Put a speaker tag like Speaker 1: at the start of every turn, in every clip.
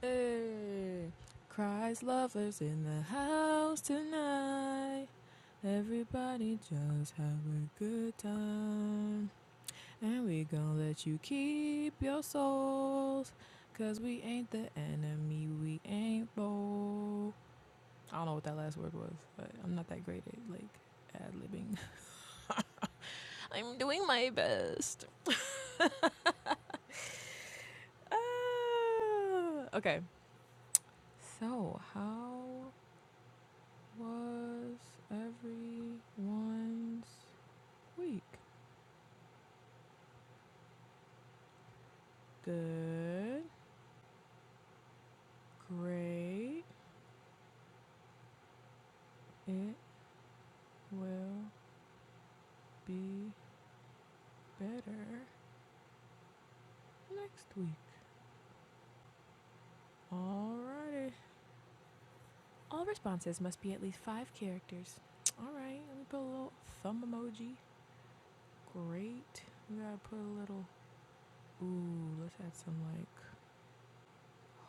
Speaker 1: Hey, Christ lovers in the house tonight. Everybody just have a good time. And we gon' let you keep your souls, 'cause we ain't the enemy, we ain't bold. I don't know what that last word was, but I'm not that great at like ad libbing. I'm doing my best. Ah, okay. So, how was everyone's week? Good, great, it will be better next week. Alrighty. All responses must be at least five characters. Alright, let me put a little thumb emoji. Great. We gotta put a little, ooh, let's add some like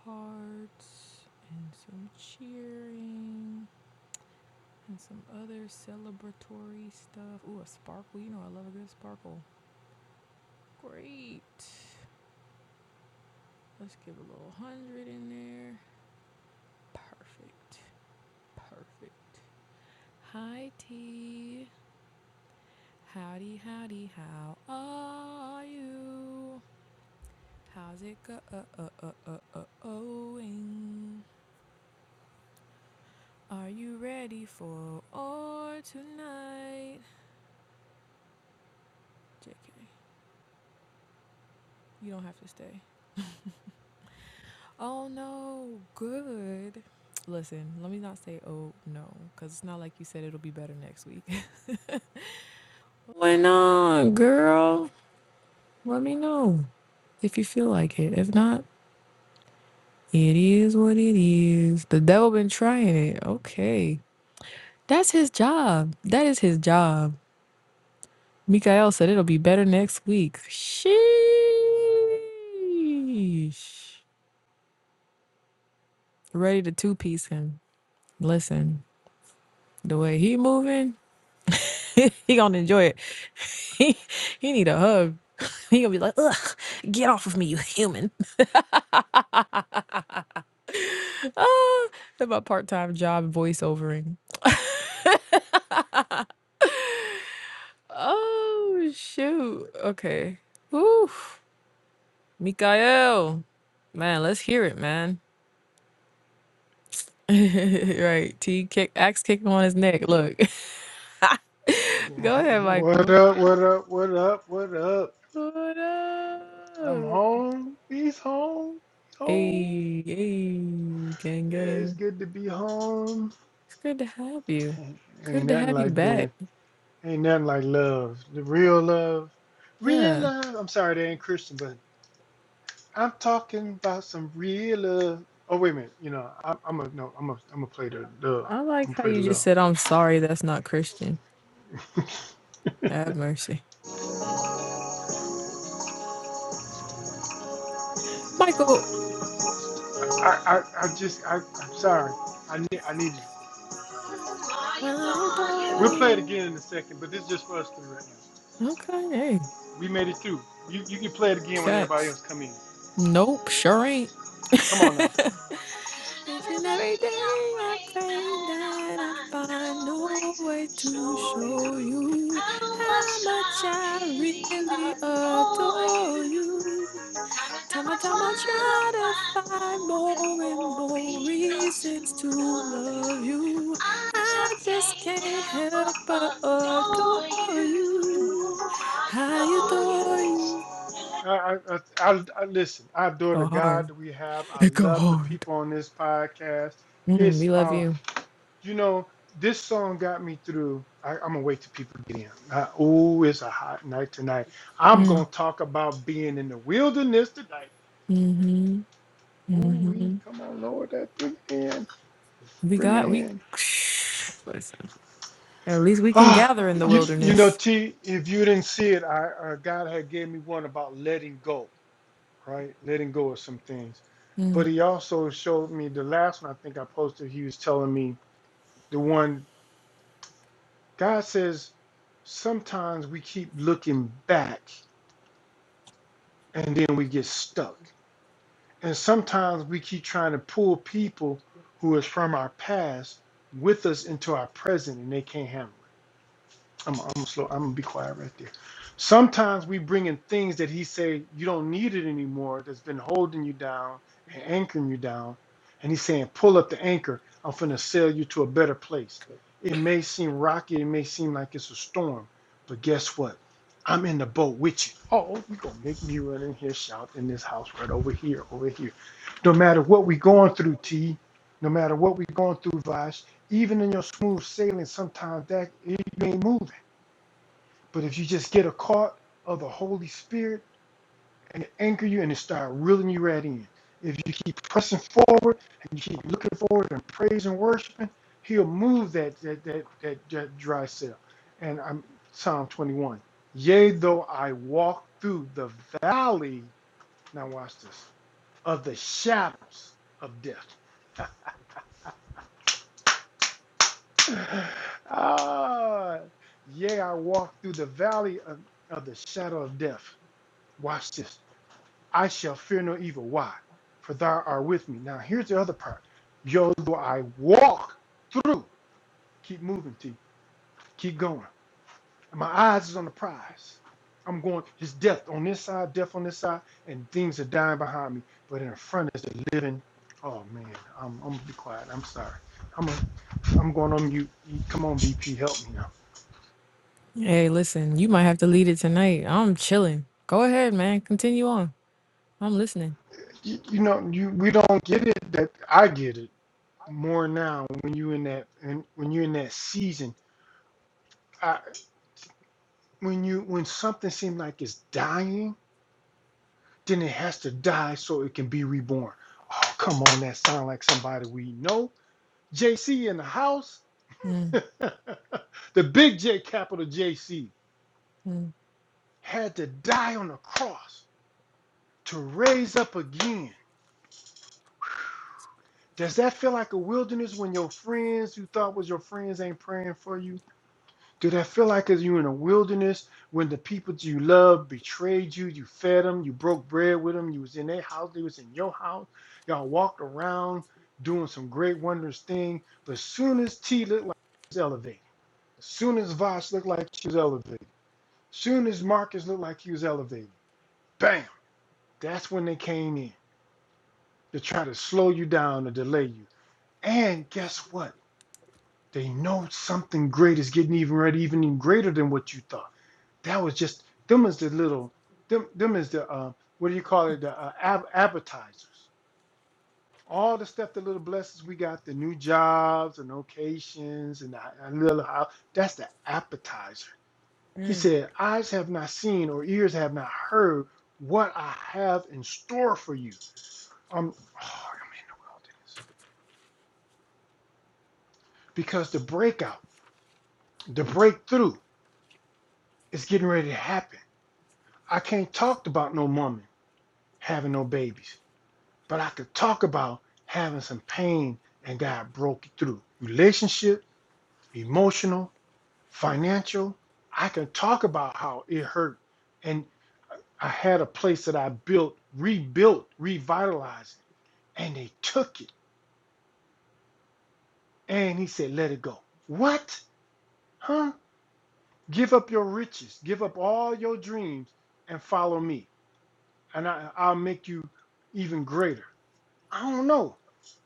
Speaker 1: hearts and some cheering. And some other celebratory stuff. Ooh, a sparkle. You know I love a good sparkle. Great. Let's give a little 100 in there. Perfect. Perfect. Hi, T. Howdy, howdy, how are you? How's it go? Uh, uh, uh, uh, uh, ohing? Are you ready for or tonight? JK, you don't have to stay. Oh no, good. Listen, let me not say oh no, because it's not like you said it'll be better next week. Why not, girl? Let me know if you feel like it. If not, it is what it is. The devil been trying it. Okay. That's his job. That is his job. Mikael said it'll be better next week. Sheesh. Ready to two piece him. Listen, the way he moving. he gonna enjoy it. He he need a hug. He gonna be like, ugh, get off of me, you human. Ah, that's my part-time job voiceovering. oh shoot. Okay. Woo. Mikael. Man, let's hear it, man. right. T kick axe kicking on his neck. Look. Go ahead,
Speaker 2: What
Speaker 1: Michael.
Speaker 2: up? What up? What up? What up?
Speaker 1: What
Speaker 2: I'm
Speaker 1: up?
Speaker 2: home. He's home. Home.
Speaker 1: Hey, hey, gang,
Speaker 2: Yeah, it's
Speaker 1: gang.
Speaker 2: good to be home.
Speaker 1: It's good to have you.
Speaker 2: Ain't
Speaker 1: Good
Speaker 2: ain't
Speaker 1: to
Speaker 2: nothing
Speaker 1: have you
Speaker 2: like
Speaker 1: back.
Speaker 2: being. Ain't nothing like love. The real love. Real
Speaker 1: Yeah.
Speaker 2: love. I'm sorry, they ain't Christian, but I'm talking about some real love. Oh wait a minute. You know, I, I'm a no. I'm a. I'm a play the love.
Speaker 1: I like
Speaker 2: I'm
Speaker 1: how
Speaker 2: gonna play the
Speaker 1: you just
Speaker 2: love.
Speaker 1: said, I'm sorry, that's not Christian. Have mercy. Michael,
Speaker 2: I, I, I just. I, I'm sorry. I need. I needed.
Speaker 1: I adore
Speaker 2: We'll play it
Speaker 1: you.
Speaker 2: again in a second, but this is just for us three right now.
Speaker 1: Okay, hey,
Speaker 2: We made it through. You you can play it again when everybody
Speaker 1: facts.
Speaker 2: else come in.
Speaker 1: Nope, sure ain't.
Speaker 2: Come on now. How
Speaker 1: Each and every day I pray that I find no way to show you how
Speaker 2: much
Speaker 1: much
Speaker 2: I
Speaker 1: I
Speaker 2: really
Speaker 1: really
Speaker 2: adore
Speaker 1: adore
Speaker 2: you.
Speaker 1: you.
Speaker 2: Sometimes
Speaker 1: Time
Speaker 2: I'm
Speaker 1: by
Speaker 2: I
Speaker 1: time I
Speaker 2: try
Speaker 1: try
Speaker 2: to
Speaker 1: to
Speaker 2: find
Speaker 1: find
Speaker 2: more and
Speaker 1: more and
Speaker 2: more
Speaker 1: more
Speaker 2: reasons
Speaker 1: reasons
Speaker 2: to
Speaker 1: to
Speaker 2: love
Speaker 1: love
Speaker 2: you.
Speaker 1: you.
Speaker 2: I
Speaker 1: I
Speaker 2: just
Speaker 1: just
Speaker 2: can't
Speaker 1: can't
Speaker 2: help
Speaker 1: help but
Speaker 2: but adore
Speaker 1: adore
Speaker 2: you.
Speaker 1: you.
Speaker 2: I
Speaker 1: I
Speaker 2: adore you.
Speaker 1: adore you.
Speaker 2: I, I, I, I listen. I adore the
Speaker 1: Go
Speaker 2: God
Speaker 1: hard.
Speaker 2: that we have. I
Speaker 1: It go
Speaker 2: love the
Speaker 1: hard.
Speaker 2: people on this podcast.
Speaker 1: Mm,
Speaker 2: It's
Speaker 1: we love
Speaker 2: a
Speaker 1: you.
Speaker 2: you know, this song got me through. I, I'm gonna wait till people get in. Uh, ooh, it's a hot night tonight. I'm gonna
Speaker 1: Mm,
Speaker 2: talk about being in the wilderness tonight. Ooh, we come on, Lord, that bring it in,
Speaker 1: we
Speaker 2: bring it
Speaker 1: got we.
Speaker 2: in.
Speaker 1: Listen. At least we can
Speaker 2: Ah,
Speaker 1: gather in the
Speaker 2: you you know,
Speaker 1: wilderness.
Speaker 2: T, if you didn't see it, I uh, God had gave me one about letting go, right? Letting go of some things. But
Speaker 1: Mm.
Speaker 2: he also showed me the last one. I think I posted. He was telling me the one God says. Sometimes we keep looking back and then we get stuck. And sometimes we keep trying to pull people who is from our past with us into our present and they can't handle it. I'm, I'm slow. I'm gonna be quiet right there. Sometimes we bring in things that he say you don't need it anymore. That's been holding you down and anchoring you down, and he's saying, "Pull up the anchor. I'm finna sail you to a better place." It may seem rocky. It may seem like it's a storm, but guess what? I'm in the boat with you. Oh, you gonna make me run in here, shout in this house right over here, over here. No matter what we going through, T. No matter what we going through, Vash. Even in your smooth sailing, sometimes that it, ain't moving. But if you just get a cart of the Holy Spirit and anchor you and it start reeling you right in, if you keep pressing forward and you keep looking forward and praising, and worshiping, He'll move that that that that, that dry cell. And I'm Psalm 21. Yea, though I walk through the valley, now watch this, of the shadows of death. ah, yea, I walk through the valley of, of the shadow of death. Watch this I shall fear no evil. Why? For thou art with me. Now here's the other part. Yo, though I walk through, keep moving, T, keep going. And my eyes is on the prize. I'm going, there's death on this side, death on this side, and things are dying behind me. But in front is the living. Oh man, I'm, I'm gonna be quiet. I'm sorry. I'm a, I'm going on mute. Come on, BP, help me now.
Speaker 1: Hey, listen. You might have to lead it tonight. I'm chilling. Go ahead, man. Continue on. I'm listening.
Speaker 2: You, you know, you we don't get it that I get it more now when you in that and when you're in that season. I. when you when something seems like it's dying, then it has to die so it can be reborn. Oh, come on, that sound like somebody we know. JC in the house.
Speaker 1: Mm,
Speaker 2: the big J capital JC
Speaker 1: mm.
Speaker 2: had to die on the cross to raise up again. Does that feel like a wilderness when your friends you thought was your friends ain't praying for you? Do that feel like as you're in a wilderness when the people you love betrayed you, you fed them, you broke bread with them, you was in their house, they was in your house, y'all walked around doing some great wondrous thing, but soon as T looked like she was elevated, soon as Vosh looked like she was elevated, soon as Marcus looked like he was elevated, bam, that's when they came in to try to slow you down or delay you. And guess what? They know something great is getting even ready, even greater than what you thought that was just them is the little them them is the uh, what do you call it the uh, ab- appetizers all the stuff the little blessings we got the new jobs and locations and a little house that's the appetizer he said eyes have not seen or ears have not heard what i have in store for you i'm, oh, I'm in the wilderness because the breakout the breakthrough is getting ready to happen i can't talk about no woman having no babies but I could talk about having some pain and God broke it through. Relationship, emotional, financial. I can talk about how it hurt. And I had a place that I built, rebuilt, revitalized, it. and they took it. And he said, let it go. What? Huh? Give up your riches, give up all your dreams, and follow me. And I, I'll make you even greater. I don't know.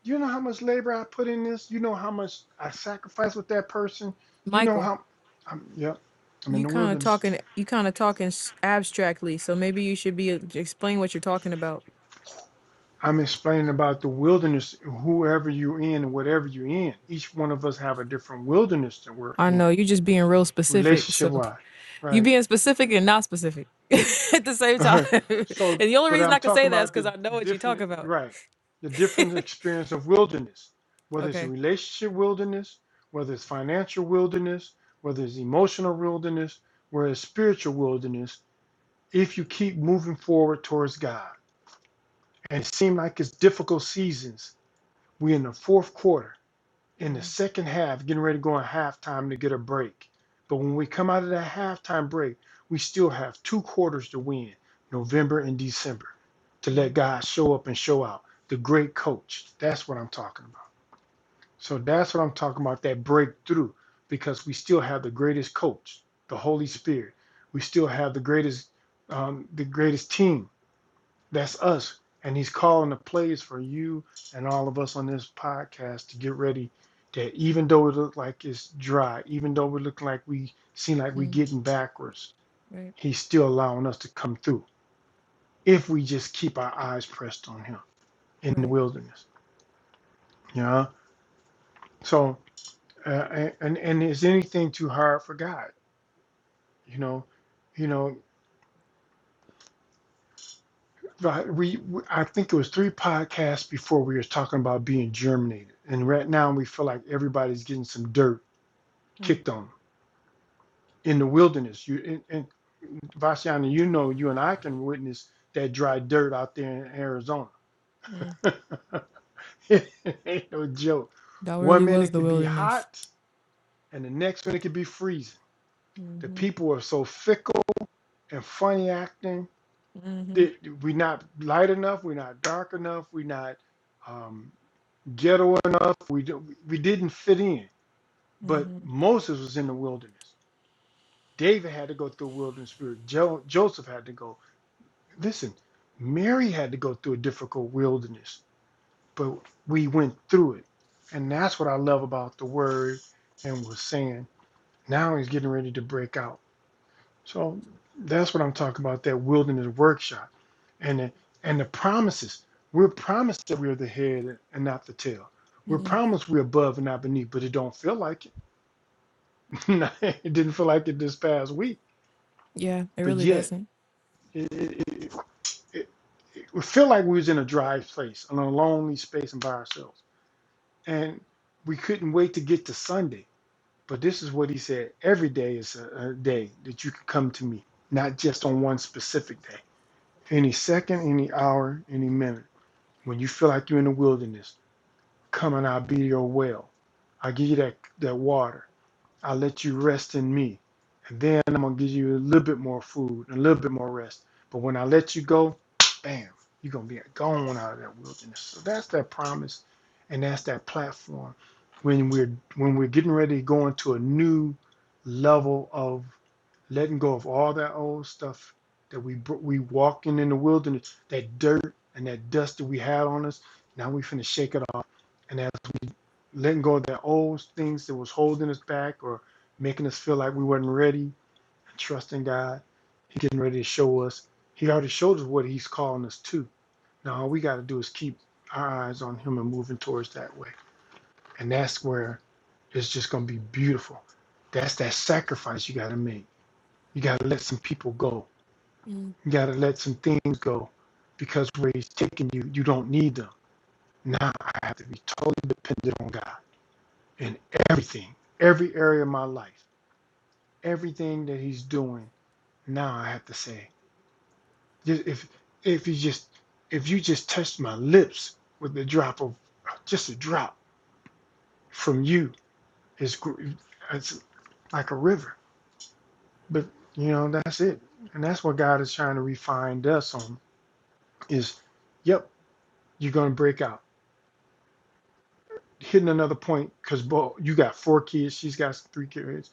Speaker 2: You know how much labor I put in this. You know how much I sacrificed with that person. You know
Speaker 1: Michael.
Speaker 2: how. I'm, yep. I'm in
Speaker 1: You
Speaker 2: the
Speaker 1: kind of
Speaker 2: wilderness.
Speaker 1: talking, you kind of talking s- abstractly, so maybe you should be uh, explain what you're talking about.
Speaker 2: I'm explaining about the wilderness. Whoever you're in and whatever you're in, each one of us have a different wilderness that we're
Speaker 1: I
Speaker 2: in,
Speaker 1: know you're just being real specific,
Speaker 2: relationship
Speaker 1: so
Speaker 2: wise,
Speaker 1: you
Speaker 2: right?
Speaker 1: being specific and not specific at the same time.
Speaker 2: Alright. so,
Speaker 1: and the only
Speaker 2: but
Speaker 1: reason
Speaker 2: I'm
Speaker 1: I can say
Speaker 2: talking
Speaker 1: that is
Speaker 2: about
Speaker 1: because
Speaker 2: the
Speaker 1: I know what you talk
Speaker 2: different,
Speaker 1: about.
Speaker 2: right? The different experience of wilderness, whether it's a
Speaker 1: Okay.
Speaker 2: relationship wilderness, whether it's financial wilderness, whether it's emotional wilderness, whether it's spiritual wilderness. If you keep moving forward towards God, and it seems like it's difficult seasons, we're in the fourth quarter in the
Speaker 1: Mm,
Speaker 2: second half, getting ready to go in halftime to get a break. But when we come out of that halftime break, we still have two quarters to win, November and December, to let
Speaker 1: mm,
Speaker 2: God show up and show out. The great coach. That's what I'm talking about. So that's what I'm talking about, that breakthrough, because we still have the greatest coach, the Holy Spirit. We still have the greatest, um, the greatest team that's us. And he's calling the plays for you and all of us on this podcast to get ready that even though it look like it's dry, even though we look like we seem like we
Speaker 1: mm,
Speaker 2: getting backwards,
Speaker 1: right,
Speaker 2: he's still allowing us to come through if we just keep our eyes pressed on him in the
Speaker 1: right.
Speaker 2: wilderness. You know? So uh, and and is anything too hard for God? You know, you know, Right. We, I think it was three podcasts before we were talking about being germinated, and right now we feel like everybody's getting some dirt
Speaker 1: Mm,
Speaker 2: kicked on 'em. in the wilderness. You and, and Vashiana, you know, you and I can witness that dry dirt out there in Arizona.
Speaker 1: mm.
Speaker 2: it ain't no joke.
Speaker 1: That really
Speaker 2: One minute
Speaker 1: was
Speaker 2: it
Speaker 1: the
Speaker 2: could be
Speaker 1: wilderness.
Speaker 2: hot, and the next minute it could be freezing. The
Speaker 1: hmm
Speaker 2: people are so fickle and funny acting.
Speaker 1: hmm
Speaker 2: That we're not light enough. We're not dark enough. We're not. um, ghetto enough. We do- we didn't fit in, but
Speaker 1: hmm
Speaker 2: Moses was in the wilderness. David had to go through a wilderness spirit. Jo- Joseph had to go. Listen, Mary had to go through a difficult wilderness, but we went through it, and that's what I love about the Word and was saying. Now he's getting ready to break out. So that's what I'm talking about, that wilderness workshop. And the, and the promises. We're promised that we're the head and not the tail. We're
Speaker 1: hmm
Speaker 2: promised we're above and not beneath, but it don't feel like it. it didn't feel like it this past week.
Speaker 1: Yeah, it
Speaker 2: But
Speaker 1: really
Speaker 2: yet,
Speaker 1: doesn't.
Speaker 2: it, it, it, it, it feel like we was in a dry place, in a lonely space and by ourselves. And we couldn't wait to get to Sunday. But this is what he said. Every day is a, a day that you can come to me, not just on one specific day. any second, any hour, any minute, when you feel like you're in the wilderness, come and I'll be your well. I'll give you that, that water. I will let you rest in me. And then I'm gonna give you a little bit more food and a little bit more rest. But when I let you go, bam, you're gonna be gone out of that wilderness. So that's that promise and that's that platform. When we're when we're getting ready to go into a new level of letting go of all that old stuff that we we walking in the wilderness, that dirt and that dust that we had on us. Now we finna shake it off. and that letting go of the old things that was holding us back or making us feel like we weren't ready, trusting God. He's getting ready to show us. He already showed us what he's calling us to. Now all we got to do is keep our eyes on him and moving towards that way. And that's where it's just going to be beautiful. That's that sacrifice you got to make. You got to let some people go.
Speaker 1: Mm,
Speaker 2: You got to let some things go because where he's taking you, you don't need them. Now I have to be totally dependent on God. in everything, every area of my life, everything that he's doing. Now I have to say, ju- if if you just if you just touched my lips with the drop of just a drop from you, it's it's like a river. But you know that's it, and that's what God is trying to refine us on. Is yep, you're gonna break out, hitting another point because you got four kids, she's got three kids.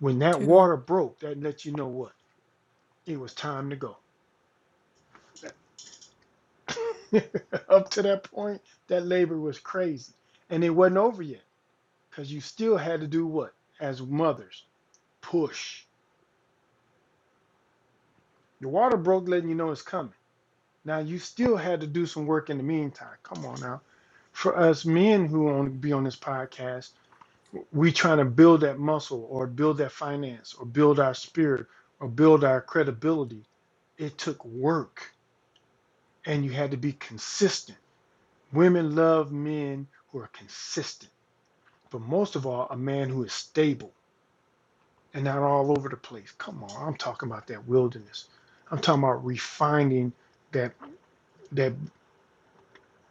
Speaker 2: When that
Speaker 1: two.
Speaker 2: water broke, that let you know what it was time to go Up to that point, that labor was crazy. And it wasn't over yet because you still had to do what? As mothers, push. The water broke, letting you know it's coming. Now, you still had to do some work in the meantime. Come on now. For us men who want to be on this podcast, we trying to build that muscle or build that finance or build our spirit or build our credibility. It took work and you had to be consistent. Women love men who are consistent but most of all, a man who is stable and not all over the place. Come on, I'm talking about that wilderness. I'm talking about refining that that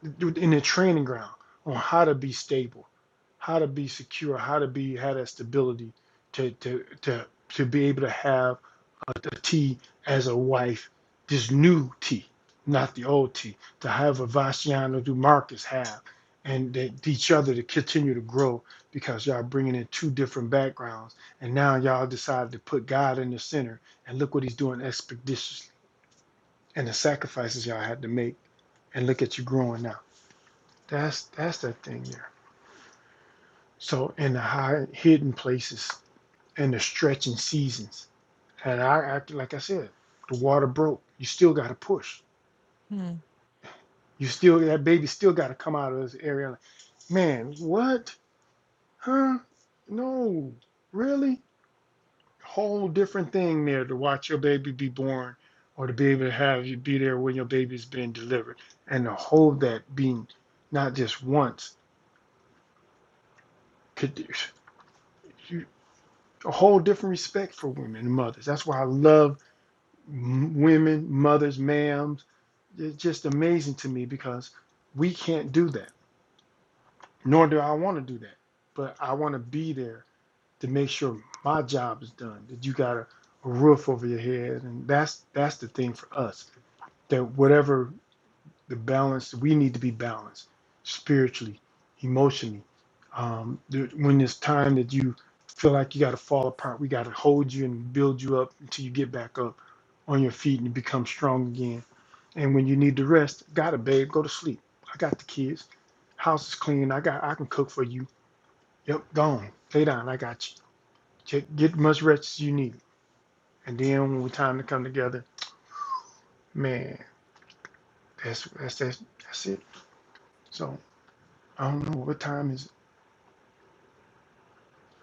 Speaker 2: in the training ground on how to be stable, how to be secure, how to be have that stability to to to to be able to have a, a T as a wife, this new T, not the old T, to have a Vasciano Marcus have, and that each other to continue to grow because y'all bringing in two different backgrounds, and now y'all decided to put God in the center, and look what He's doing expeditiously, and the sacrifices y'all had to make, and look at you growing now. That's that's that thing there. So in the high hidden places and the stretching seasons, and I, I like I said, the water broke. You still got to push.
Speaker 1: Hmm.
Speaker 2: You still that baby still got to come out of this area. Like, man, what? Huh? No, really? Whole different thing there to watch your baby be born, or to be able to have you be there when your baby's being delivered, and to hold that being not just once. Could you? a whole different respect for women and mothers. That's why I love women, mothers, ma'ams. It's just amazing to me because we can't do that, nor do I want to do that. But I want to be there to make sure my job is done. That you got a, a roof over your head, and that's that's the thing for us. That whatever the balance we need to be balanced spiritually emotionally um, when it's time that you feel like you got to fall apart we got to hold you and build you up until you get back up on your feet and become strong again and when you need to rest got it babe go to sleep i got the kids house is clean i got i can cook for you yep gone lay down i got you Take- get as much rest as you need and then when it's time to come together man that's that's that's, that's it so i don't know what time is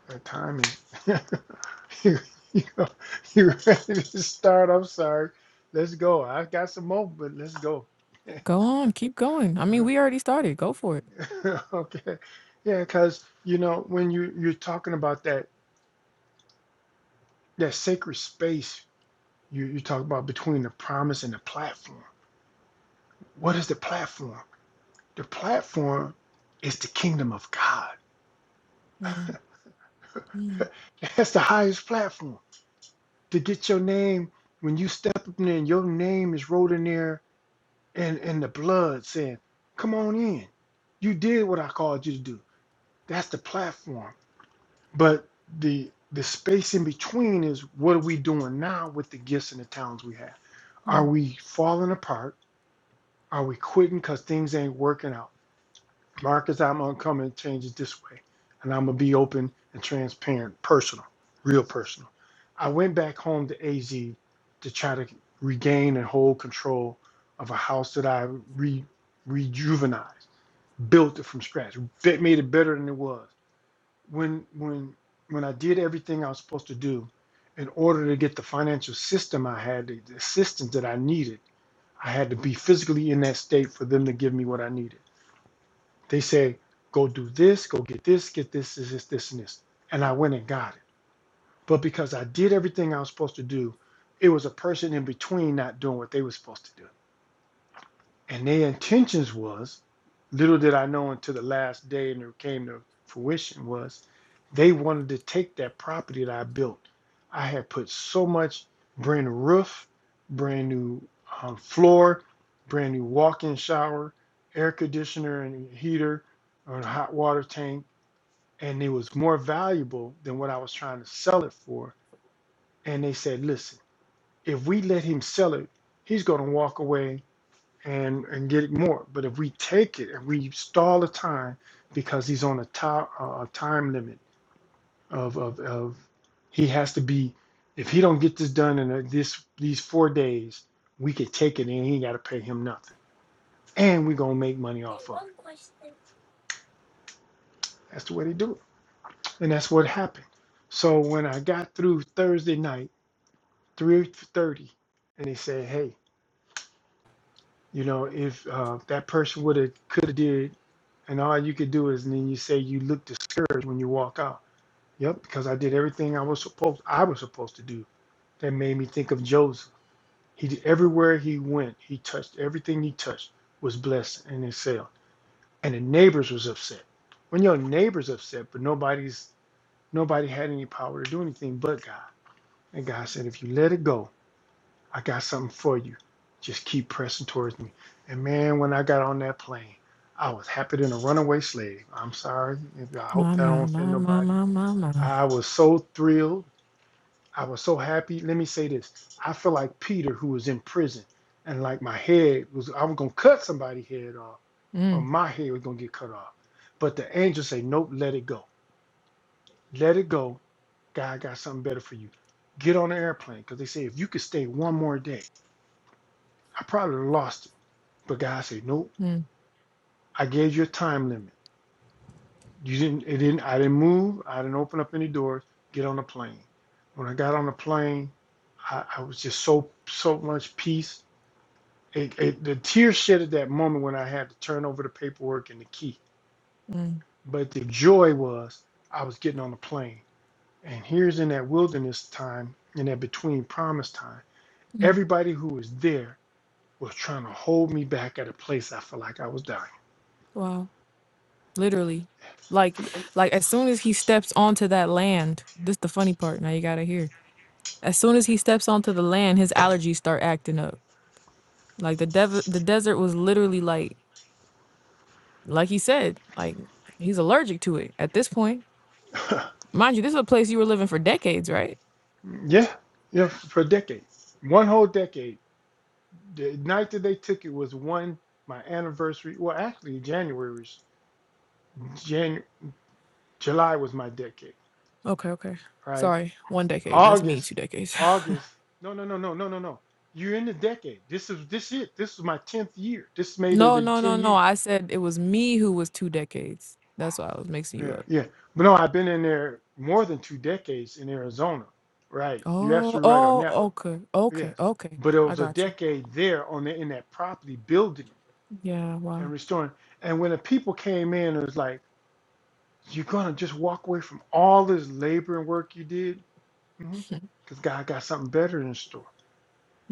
Speaker 2: The timing. you, you, you ready to start? I'm sorry. Let's go. I got some more, but let's go.
Speaker 1: Go on, keep going. I mean, we already started. Go for it.
Speaker 2: okay. Yeah, because you know when you you're talking about that that sacred space you you talk about between the promise and the platform. What is the platform? The platform is the kingdom of God.
Speaker 1: Mm, mm,
Speaker 2: That's the highest platform to get your name when you step up in there. and Your name is wrote in there and and the blood saying, "Come on in. You did what I called you to do. That's the platform." But the the space in between is what are we doing now with the gifts and the talents we have? Are
Speaker 1: mm.
Speaker 2: we falling apart? Are we quitting because things ain't working out? Marcus, I'm gonna come and change it this way, and I'm gonna be open and transparent, personal, real personal. I went back home to AZ to try to regain and hold control of a house that I re rejuvenized, built it from scratch, that made it better than it was. When when when I did everything I was supposed to do, in order to get the financial system I had, the assistance that I needed, I had to be physically in that state for them to give me what I needed they say, go do this, go get this, get this, this, this, this, and this. And I went and got it. But because I did everything I was supposed to do, it was a person in between not doing what they were supposed to do and their intentions was little did i know until the last day and it came to fruition was they wanted to take that property that i built i had put so much brand new roof brand new um, floor brand new walk-in shower air conditioner and heater or a hot water tank and it was more valuable than what i was trying to sell it for and they said listen if we let him sell it he's going to walk away and and get more. But if we take it and we stall the time because he's on a time a time limit of of of he has to be if he don't get this done in this these four days, we could take it and he ain't got to pay him nothing, and we gonna make money off of it. That's the way they do it, and that's what happened. So when I got through Thursday night, three thirty, and they said, "Hey." You know, if uh, that person would have could have did, and all you could do is and then you say you look discouraged when you walk out. Yep, because I did everything I was supposed I was supposed to do. That made me think of Joseph. He did everywhere he went, he touched everything he touched was blessed and excelled. And the neighbors was upset. When your neighbors upset, but nobody's nobody had any power to do anything but God. And God said, if you let it go, I got something for you. Just keep pressing towards me. And man, when I got on that plane, I was happier than a runaway slave. I'm sorry. I hope
Speaker 1: My,
Speaker 2: that I don't
Speaker 1: my,
Speaker 2: offend
Speaker 1: my, my,
Speaker 2: nobody.
Speaker 1: my, my, my.
Speaker 2: I was so thrilled. I was so happy. Let me say this. I feel like Peter who was in prison and like my head was I was gonna cut somebody's head off or
Speaker 1: Mm,
Speaker 2: my head was gonna get cut off. But the angel said, Nope, let it go. Let it go. God got something better for you. Get on the airplane. Cause they say if you could stay one more day, I probably lost it But God said, Nope,
Speaker 1: mm,
Speaker 2: I gave you a time limit. You didn't it didn't I didn't move, I didn't open up any doors, get on the plane. When I got on the plane, I, I was just so so much peace. It, it, the tears shed at that moment when I had to turn over the paperwork and the key.
Speaker 1: mm,
Speaker 2: But the joy was I was getting on the plane. And here's in that wilderness time, in that between promise time,
Speaker 1: mm.
Speaker 2: everybody who was there was trying to hold me back at a place I felt like I was dying.
Speaker 1: Wow. Literally. Like, like as soon as he steps onto that land, this the funny part. Now you gotta hear. As soon as he steps onto the land, his allergies start acting up. Like the dev- the desert was literally like, like he said, like he's allergic to it at this point. Mind you, this is a place you were living for decades, right?
Speaker 2: Yeah, yeah, for a decade, one whole decade. The night that they took it was one my anniversary. Well, actually, January was Jan, July was my decade,
Speaker 1: Okay, okay.
Speaker 2: right?
Speaker 1: Sorry, one decade. That's me, two
Speaker 2: August,
Speaker 1: decades.
Speaker 2: August. No, no, no, no, no, no, no. You're in the decade. This is this it. This is my tenth year. This made it
Speaker 1: no,
Speaker 2: in
Speaker 1: no, no,
Speaker 2: ten
Speaker 1: no.
Speaker 2: years.
Speaker 1: I said it was me who was two decades. That's why I was mixing you
Speaker 2: Yeah,
Speaker 1: up.
Speaker 2: yeah. But no, I've been in there more than two decades in Arizona. Right. You're
Speaker 1: Oh,
Speaker 2: absolutely right on
Speaker 1: oh,
Speaker 2: that one.
Speaker 1: okay, okay,
Speaker 2: Yes.
Speaker 1: okay.
Speaker 2: But it
Speaker 1: I
Speaker 2: was a
Speaker 1: got you.
Speaker 2: decade there on the, in that property building.
Speaker 1: Yeah,
Speaker 2: and
Speaker 1: wow.
Speaker 2: restoring. And when the people came in, it was like, you're going to just walk away from all this labor and work you did? Because mm-hmm. God got something better in store.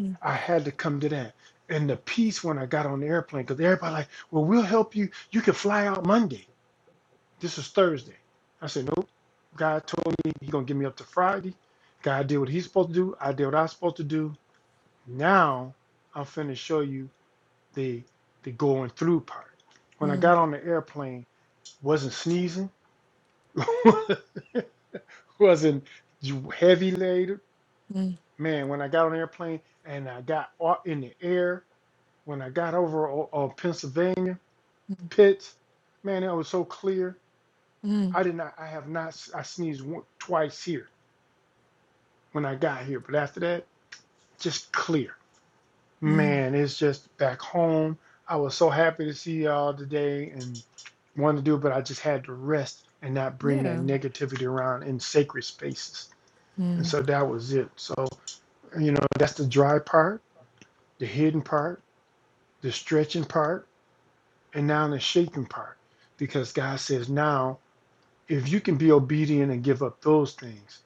Speaker 1: Mm,
Speaker 2: I had to come to that. And the peace when I got on the airplane, because everybody like, well, we'll help you. You can fly out Monday. This was Thursday. I said, nope. God told me he's going to give me up to Friday. God did what he's supposed to do. I did what I was supposed to do. Now I'm finna show you the the going through part. When I
Speaker 1: mm,
Speaker 2: got on the airplane, Wasn't sneezing. wasn't heavy laden.
Speaker 1: mm,
Speaker 2: Man, when I got on the airplane and I got au- in the air, when I got over o- on Pennsylvania
Speaker 1: mm,
Speaker 2: Pitts, man, it was so clear.
Speaker 1: mm,
Speaker 2: I did not. I have not. I sneezed one, twice here when I got here, but after that, just clear.
Speaker 1: mm.
Speaker 2: Man, it's just back home. I was so happy to see y'all today and wanted to do it, but I just had to rest and not bring that
Speaker 1: Yeah.
Speaker 2: negativity around in sacred spaces. And
Speaker 1: Mm,
Speaker 2: so that was it. So, you know, that's the dry part, the hidden part, the stretching part, and now the shaping part. Because God says, now, if you can be obedient and give up those things,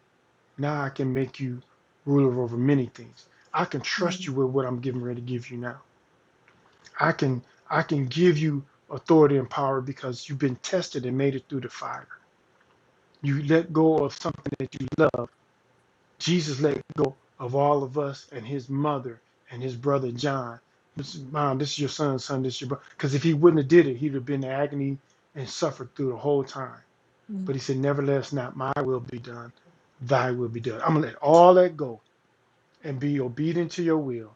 Speaker 2: now I can make you ruler over many things. I can trust
Speaker 1: mm,
Speaker 2: you with what I'm getting ready to give you now. I can I can give you authority and power because you've been tested and made it through the fire. You let go of something that you love Jesus let go of all of us and his mother and his brother John. This mom, this is your son, son, this is your brother. Because if he wouldn't have did it, he'd have been in agony and suffered through the whole time.
Speaker 1: mm,
Speaker 2: But he said, Nevertheless, not my will be done, thy will be done. I'm gonna let all that go and be obedient to your will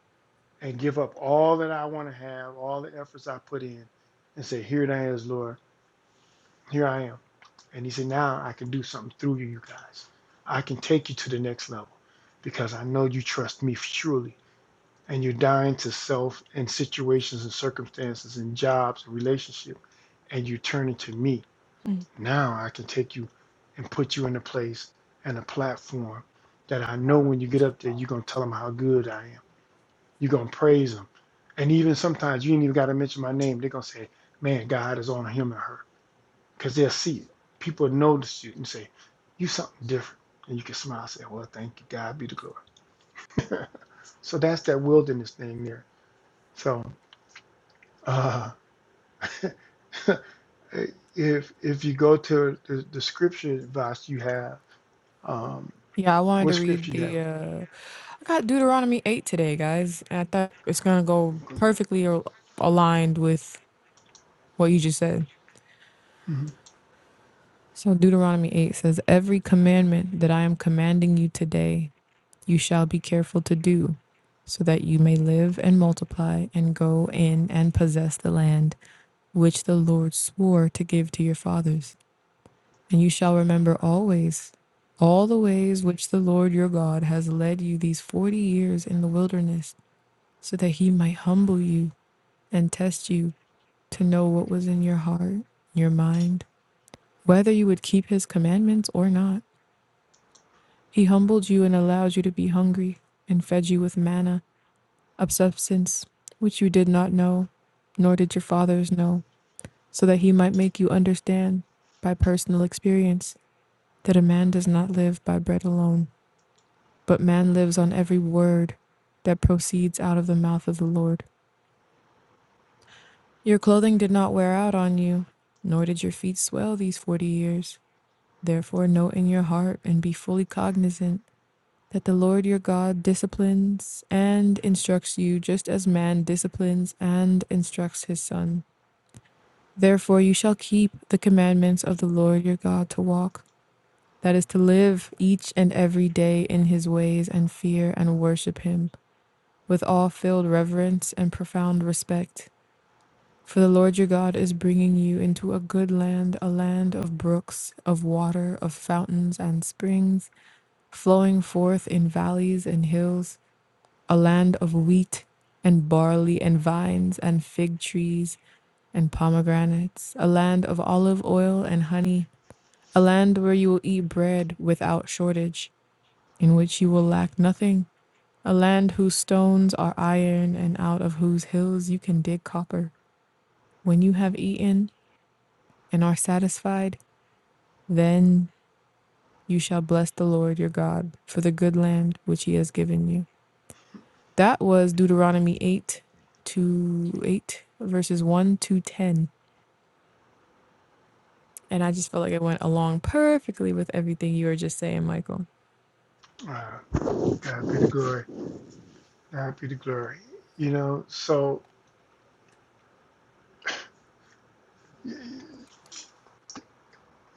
Speaker 2: and give up all that I want to have, all the efforts I put in, and say, Here it is, Lord, here I am. And he said, Now I can do something through you, you guys. I can take you to the next level because I know you trust me truly. And you're dying to self and situations and circumstances and jobs and relationships. And you're turning to me.
Speaker 1: mm.
Speaker 2: Now I can take you and put you in a place and a platform that I know when you get up there, you're going to tell them how good I am. You're going to praise them. And even sometimes you ain't even got to mention my name. They're going to say, Man, God is on him and her because they'll see it. People notice you and say, "You something different," and you can smile and say, "Well, thank you, God be the glory." so that's that wilderness thing there. So uh, if if you go to the, the scripture advice you have, um,
Speaker 1: Yeah, I wanted
Speaker 2: what
Speaker 1: to read
Speaker 2: scripture you have?
Speaker 1: the uh I got Deuteronomy 8 today, guys, and I thought it's going to go perfectly al- aligned with what you just said.
Speaker 2: Mhm.
Speaker 1: So Deuteronomy 8 says, "Every commandment that I am commanding you today, you shall be careful to do, so that you may live and multiply and go in and possess the land which the Lord swore to give to your fathers. And you shall remember always all the ways which the Lord your God has led you these 40 years in the wilderness." so that he might humble you and test you to know what was in your heart, your mind, whether you would keep his commandments or not. He humbled you and allowed you to be hungry, and fed you with manna, a substance which you did not know, nor did your fathers know, so that he might make you understand by personal experience that a man does not live by bread alone, but man lives on every word that proceeds out of the mouth of the Lord. Your clothing did not wear out on you, nor did your feet swell these forty years. Therefore, know in your heart and be fully cognizant that the Lord your God disciplines and instructs you just as man disciplines and instructs his son. Therefore, you shall keep the commandments of the Lord your God to walk, that is, to live each and every day in his ways and fear and worship him with all filled reverence and profound respect. For the Lord your God is bringing you into a good land, a land of brooks, of water, of fountains and springs, flowing forth in valleys and hills, a land of wheat and barley and vines and fig trees and pomegranates, a land of olive oil and honey, a land where you will eat bread without shortage, in which you will lack nothing, a land whose stones are iron and out of whose hills you can dig copper. When you have eaten, and are satisfied, then you shall bless the Lord your God for the good land which he has given you. That was Deuteronomy 8 to 8, verses 1 to 10. And I just felt like it went along perfectly with everything you were just saying, Michael.
Speaker 2: Uh, God be the glory. God be the glory. You know, so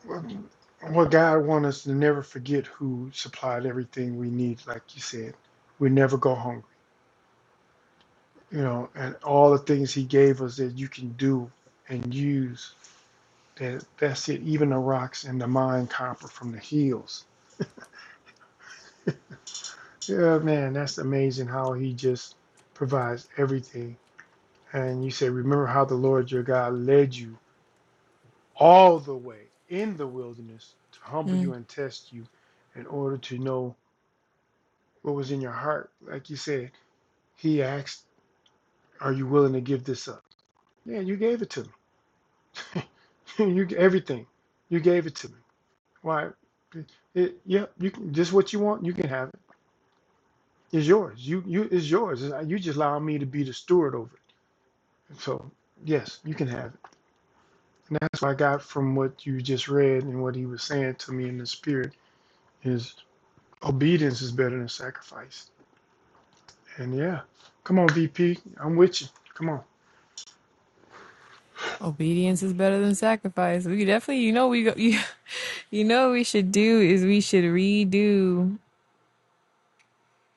Speaker 2: what God wants us to never forget who supplied everything we need, like you said. We never go hungry you know, and all the things he gave us that you can do and use. That that's it. Even the rocks and the mine copper from the hills. Yeah, man, that's amazing how he just provides everything. And you say, remember how the Lord your God led you all the way in the wilderness to humble
Speaker 1: Mm.
Speaker 2: you and test you, in order to know what was in your heart. Like you said, he asked, "Are you willing to give this up?" Yeah, you gave it to me. you everything. You gave it to me. Why? It, yeah, you can just what you want. You can have it. It's yours. You you it's yours. It's- You just allow me to be the steward over it. So yes, you can have it. And that's what I got from what you just read and what he was saying to me in the spirit is obedience is better than sacrifice. And yeah, come on, VP, I'm with you. Come on.
Speaker 1: Obedience is better than sacrifice. We definitely, you know, we go, you, you know, what we should do is we should redo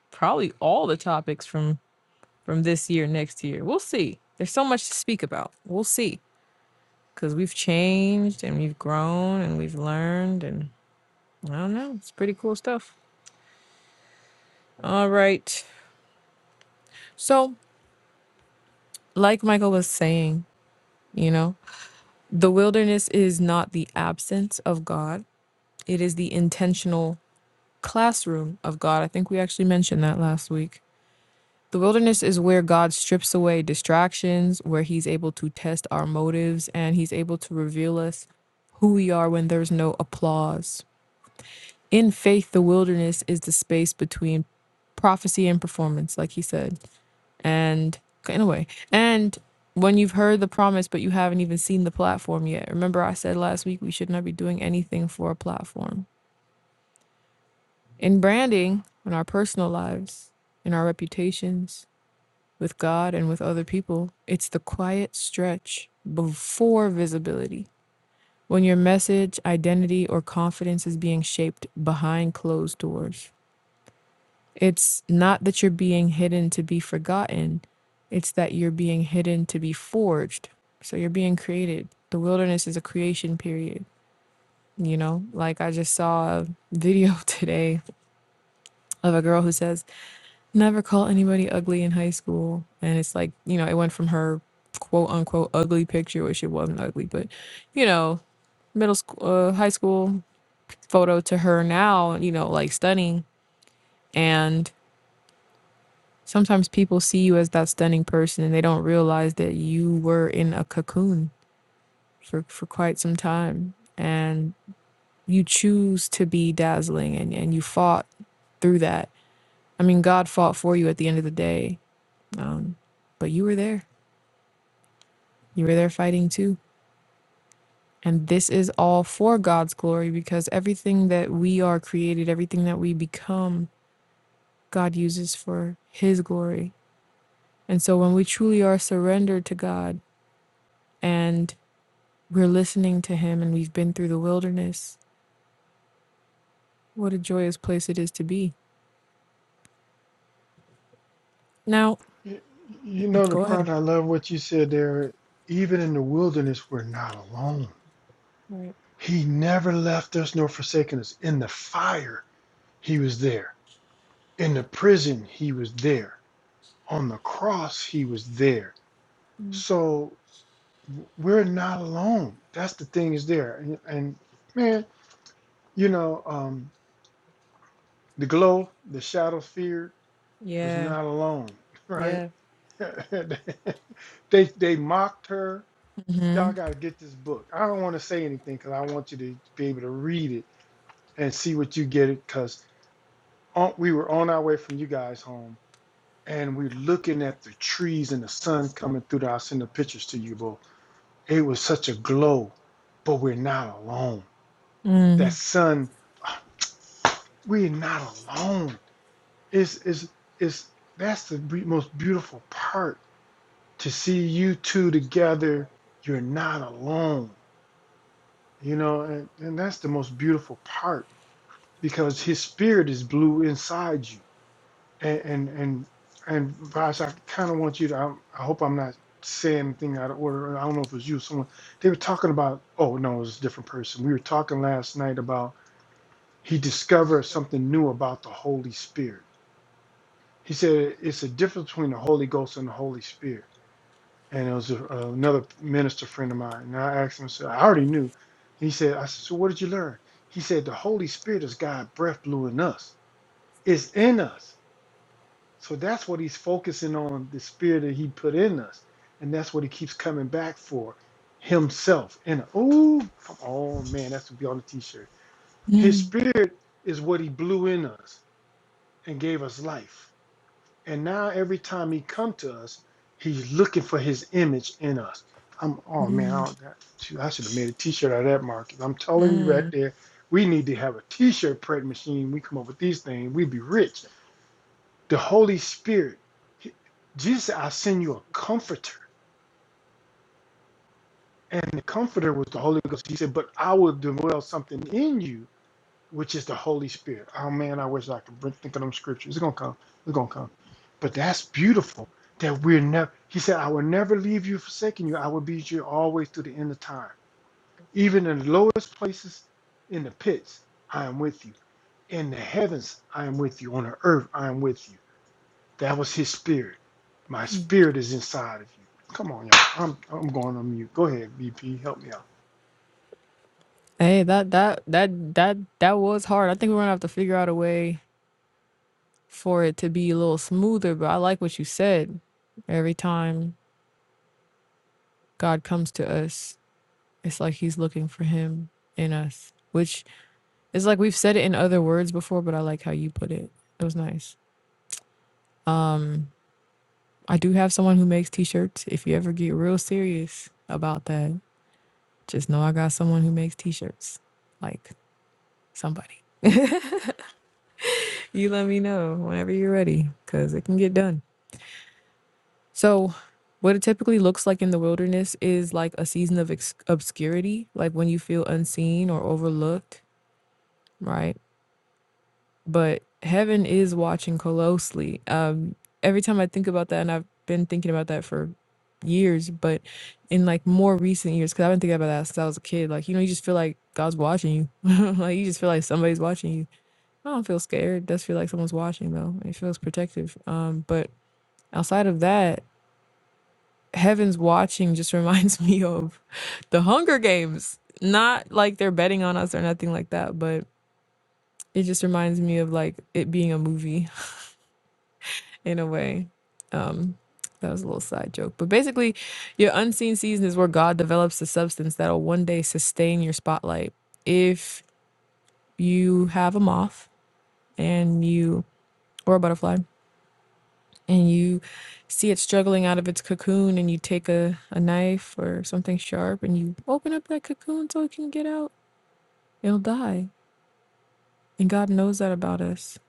Speaker 1: probably all the topics from from this year, next year. We'll see. There's so much to speak about. We'll see because we've changed and we've grown and we've learned and i don't know it's pretty cool stuff all right so like michael was saying you know the wilderness is not the absence of god it is the intentional classroom of god i think we actually mentioned that last week the wilderness is where god strips away distractions where he's able to test our motives and he's able to reveal us who we are when there's no applause in faith, the wilderness is the space between prophecy and performance, like he said. And in a way, and when you've heard the promise, but you haven't even seen the platform yet. Remember, I said last week we should not be doing anything for a platform. In branding, in our personal lives, in our reputations, with God and with other people, it's the quiet stretch before visibility. When your message, identity, or confidence is being shaped behind closed doors. It's not that you're being hidden to be forgotten, it's that you're being hidden to be forged. So you're being created. The wilderness is a creation period. You know, like I just saw a video today of a girl who says, Never call anybody ugly in high school. And it's like, you know, it went from her quote unquote ugly picture, which it wasn't ugly, but, you know, middle school, uh, high school photo to her now, you know, like stunning. And Sometimes people see you as that stunning person and they don't realize that you were in a cocoon for, for quite some time. And you choose to be dazzling and, and you fought through that. I mean, God fought for you at the end of the day, um, but you were there. You were there fighting too. And this is all for God's glory because everything that we are created, everything that we become, God uses for His glory. And so when we truly are surrendered to God, and We're listening to him and we've been through the wilderness. What a joyous place it is to be. Now,
Speaker 2: Y- You know the
Speaker 1: go ahead.
Speaker 2: part I love what you said there. Even in the wilderness, we're not alone.
Speaker 1: Right.
Speaker 2: He never left us nor forsaken us. In the fire, he was there In the prison, he was there. On the cross, he was there. So we're not alone. That's the thing is there. And, and man, you know, um, the glow, the shadow feared was
Speaker 1: Yeah.
Speaker 2: not alone, right?
Speaker 1: Yeah.
Speaker 2: they they mocked her. Y'all got to get this book. I don't want to say anything because I want you to be able to read it and see what you get it. Because we were on our way from you guys home and we're looking at the trees and the sun coming through. The, I'll send the pictures to you, but it was such a glow. But we're not alone. That
Speaker 1: Mm.
Speaker 2: sun, we're not alone. It's is is that's the most beautiful part to see you two together. You're not alone. You know, and, and that's the most beautiful part because His Spirit is blue inside you. And and and, and Vash, I kind of want you to. I, I hope I'm not saying anything out of order. I don't know if it was you or someone. They were talking about. Oh no, it was a different person. We were talking last night about he discovered something new about the Holy Spirit. He said it's a difference between the Holy Ghost and the Holy Spirit. And it was a, another minister friend of mine. And I asked him, I said, I already knew. He said, I said, so what did you learn? He said, the Holy Spirit is God breath blew in us. It's in us. So that's what he's focusing on the spirit that he put in us. And that's what he keeps coming back for himself. And oh, come on, man, that's to be on the t shirt. His
Speaker 1: Mm.
Speaker 2: spirit is what he blew in us and gave us life. And now every time he come to us, he's looking for his image in us. I'm oh man, I,
Speaker 1: Mm.
Speaker 2: that, shoot, I should have made a t-shirt out of that Marcus. I'm telling you right
Speaker 1: Mm.
Speaker 2: there, we need to have a t-shirt print machine. We come up with these things, we'd be rich the Holy Spirit, Jesus said, I'll send you a comforter. And the comforter was the Holy Ghost. He said, But I will dwell something in you, which is the Holy Spirit. Oh man, I wish I could think of them scriptures. It's gonna come. It's gonna come. But that's beautiful that we're never he said, I will never leave you forsaking you. I will be with you always to the end of time. Even in the lowest places in the pits, I am with you. In the heavens, I am with you. On the earth, I am with you. That was his spirit. My spirit is inside of you. Come on, y'all. I'm I'm going on mute. Go ahead, BP. Help me out.
Speaker 1: Hey, that that that that that was hard. I think we're gonna have to figure out a way for it to be a little smoother, but I like what you said. Every time God comes to us, it's like he's looking for him in us. Which is like we've said it in other words before, but I like how you put it. It was nice. I do have someone who makes t-shirts. If you ever get real serious about that, just know I got someone who makes t-shirts. Like somebody. You let me know whenever you're ready cuz it can get done. So, what it typically looks like in the wilderness is like a season of obscurity, like when you feel unseen or overlooked, right? but heaven is watching closely. Um, every time I think about that, and I've been thinking about that for years, but in like more recent years, because I've been thinking about that since I was a kid. Like, you know, you just feel like God's watching you. like, you just feel like somebody's watching you. I don't feel scared. Does feel like someone's watching though. It feels protective. Um, but outside of that, heaven's watching just reminds me of the Hunger Games. Not like they're betting on us or nothing like that, but it just reminds me of like it being a movie in a way. Um, that was a little side joke. But basically, your unseen season is where God develops the substance that'll one day sustain your spotlight. If you have a moth and you, or a butterfly, and you see it struggling out of its cocoon, and you take a, a knife or something sharp and you open up that cocoon so it can get out, it'll die. And God knows that about us.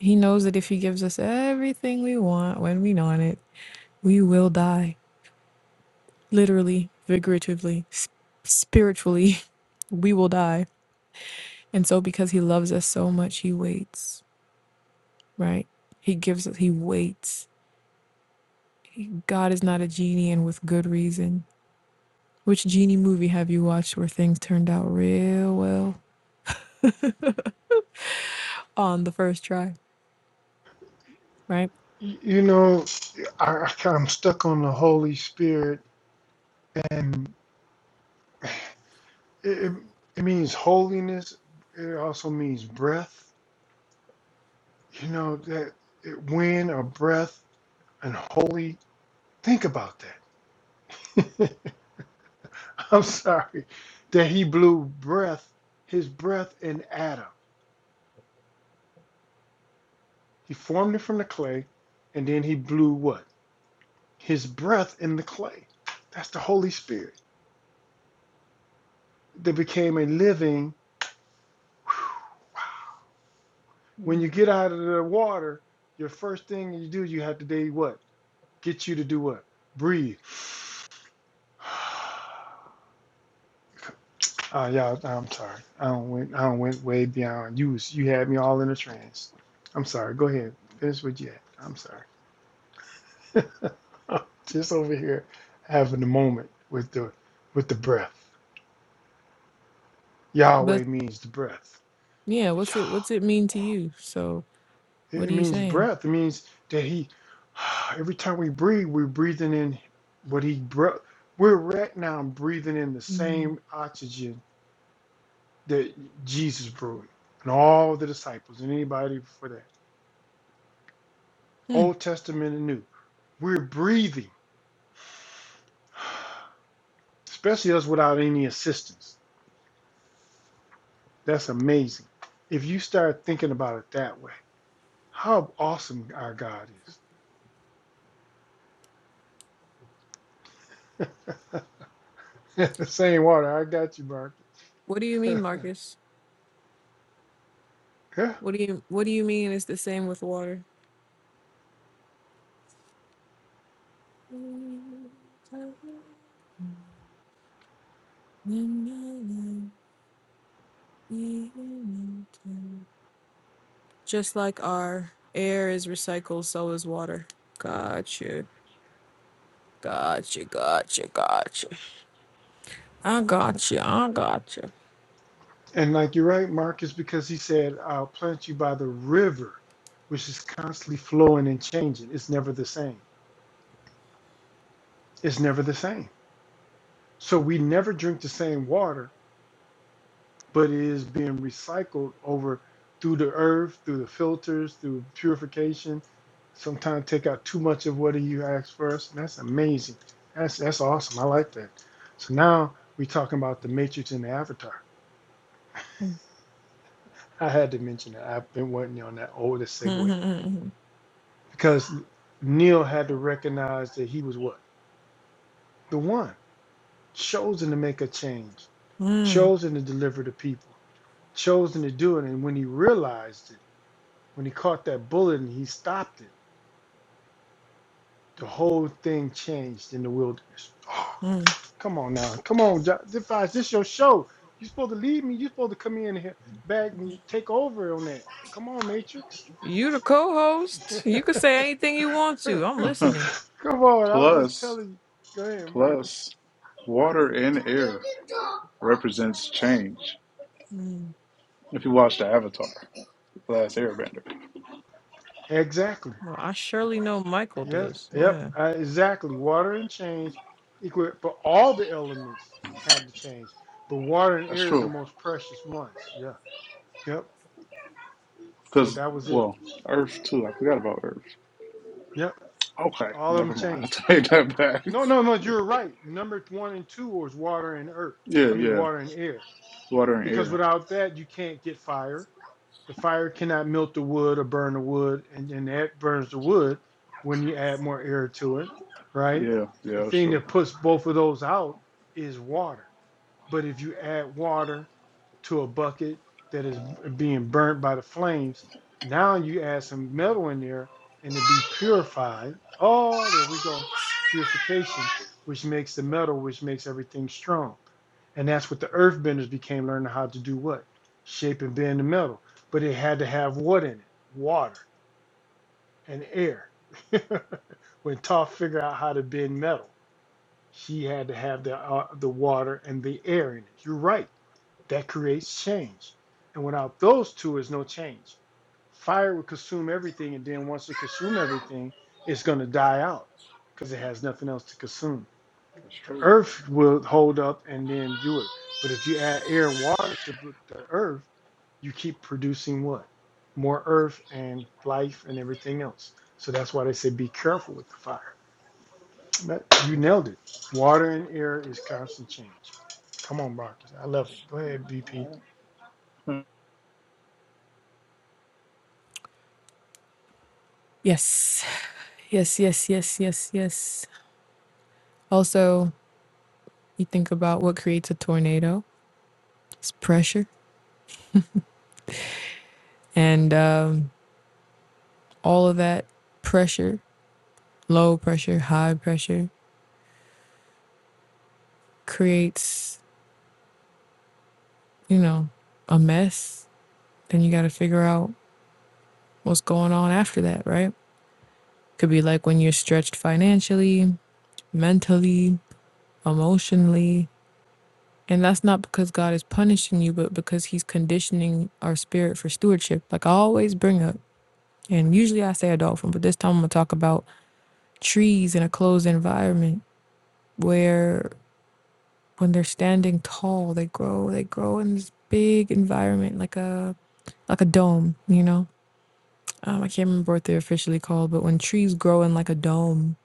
Speaker 1: He knows that if He gives us everything we want when we want it, we will die literally, figuratively, s- spiritually, we will die. And so, because He loves us so much, He waits, right? He gives us, He waits. God is not a genie and with good reason. Which genie movie have you watched where things turned out real well on the first try, right?
Speaker 2: Y- You know, I, I kind of stuck on the Holy Spirit, and it, it it means holiness. It also means breath. You know that it, wind or breath and holy. Think about that. I'm sorry that he blew breath, his breath in Adam. He formed it from the clay, and then he blew what? his breath in the clay. That's the Holy Spirit that became a living. When you get out of the water, your first thing you do, you have to do what? Get you to do what? Breathe. Oh, y'all, I'm sorry. I don't went. I don't went way beyond. You was, you had me all in a trance. I'm sorry. Go ahead. Finish what you had. I'm sorry. Just over here, having a moment with the with the breath.
Speaker 1: But
Speaker 2: Yahweh means the breath.
Speaker 1: yeah, what's it, what's it mean to
Speaker 2: Yah.
Speaker 1: you? So,
Speaker 2: It,
Speaker 1: what are you
Speaker 2: means
Speaker 1: saying?
Speaker 2: breath. It means that he, every time we breathe, we're breathing in what he breath. We're right now breathing in the
Speaker 1: Mm.
Speaker 2: same oxygen that Jesus breathed and all the disciples and anybody before that,
Speaker 1: Hmm.
Speaker 2: Old Testament and New. We're breathing, especially us without any assistance. That's amazing. If you start thinking about it that way, how awesome our God is. The Same water. I got you, Mark.
Speaker 1: What do you mean, Marcus?
Speaker 2: yeah.
Speaker 1: What do you, what do you mean it's the same with water? Just like our air is recycled, so is water. Gotcha. Gotcha. Gotcha. Gotcha. I gotcha. I gotcha.
Speaker 2: And like you're right, Mark, is because he said, I'll plant you by the river, which is constantly flowing and changing. It's never the same. It's never the same. So we never drink the same water, but it is being recycled over through the earth, through the filters, through purification. Sometimes take out too much of what you ask for us. And that's amazing. That's that's awesome. I like that. So now we're talking about the matrix and the avatar. I had to mention that. I've been working on that. Oh, the segue. because Neil had to recognize that he was what the one chosen to make a change,
Speaker 1: Mm,
Speaker 2: chosen to deliver the people, chosen to do it. And when he realized it, when he caught that bullet and he stopped it, the whole thing changed in the wilderness. Oh,
Speaker 1: mm.
Speaker 2: come on now, come on, Jo- Defies, this your show. you are supposed to lead me. you are supposed to come in here, back me, take over on that. Come on, Matrix.
Speaker 1: You the co-host. You can say anything you want
Speaker 2: come
Speaker 1: to. I'm listening.
Speaker 2: on, I'm just
Speaker 3: Plus,
Speaker 2: telling you. Go ahead, Marcus.
Speaker 3: plus, water and air represents change.
Speaker 1: Mm.
Speaker 3: If you watch the Avatar, The Last Airbender,
Speaker 2: Exactly.
Speaker 1: Well, I surely know Michael
Speaker 2: Yes,
Speaker 1: does.
Speaker 2: yep,
Speaker 1: Yeah.
Speaker 2: uh, exactly. Water and change equal, but all the elements had to change. But water and
Speaker 3: that's
Speaker 2: air is the
Speaker 3: true.
Speaker 2: most precious ones. Yeah, yep. So
Speaker 3: Because,
Speaker 2: that was it.
Speaker 3: well, Earth too. I forgot about Earth.
Speaker 2: Yep,
Speaker 3: Okay,
Speaker 2: all of them
Speaker 3: never mind.
Speaker 2: changed.
Speaker 3: I take that back.
Speaker 2: No, no, no. You're right. Number one and two was water and earth.
Speaker 3: Yeah,
Speaker 2: I mean,
Speaker 3: yeah.
Speaker 2: water and air.
Speaker 3: Water and
Speaker 2: Because
Speaker 3: air.
Speaker 2: without that, you can't get fire. The fire cannot melt the wood or burn the wood, and and that burns the wood when you add more air to it, right?
Speaker 3: Yeah,
Speaker 2: The
Speaker 3: yeah, that's
Speaker 2: thing
Speaker 3: true.
Speaker 2: that puts both of those out is water But if you add water to a bucket that is being burnt by the flames, now you add some metal in there and it be purified. Oh, there we go. Purification, which makes the metal, which makes everything strong. And that's what the earthbenders became learning how to do what? Shape and bend the metal. But it had to have what in it? Water and air. when Toph figured out how to bend metal, she had to have the uh, the water and the air in it. You're right that creates change. And without those two is no change. Fire would consume everything, and then once it consumes everything, it's going to die out because it has nothing else to consume.
Speaker 3: That's
Speaker 2: The
Speaker 3: true.
Speaker 2: earth will hold up and then do it. But if you add air and water to the the earth, you keep producing what? More earth and life and everything else. So that's why they say be careful with the fire. But you
Speaker 3: Yeah.
Speaker 2: nailed it. Water and air is constant change. Come on, Marcus. I love it. Go ahead, BP.
Speaker 1: Yes, yes, yes, yes, yes, yes. Also, you think about what creates a tornado it's pressure, and um, all of that pressure low pressure, high pressure creates, you know, a mess. Then you got to figure out what's going on after that, right? Could be like when you're stretched financially, mentally, emotionally. And that's not because God is punishing you, but because He's conditioning our spirit for stewardship. Like I always bring up, and usually I say a dolphin, but this time I'm going to talk about trees in a closed environment where when they're standing tall, they grow, they grow in this big environment, like a like a dome, you know? Um, I can't remember what they're officially called, but when trees grow in like a dome,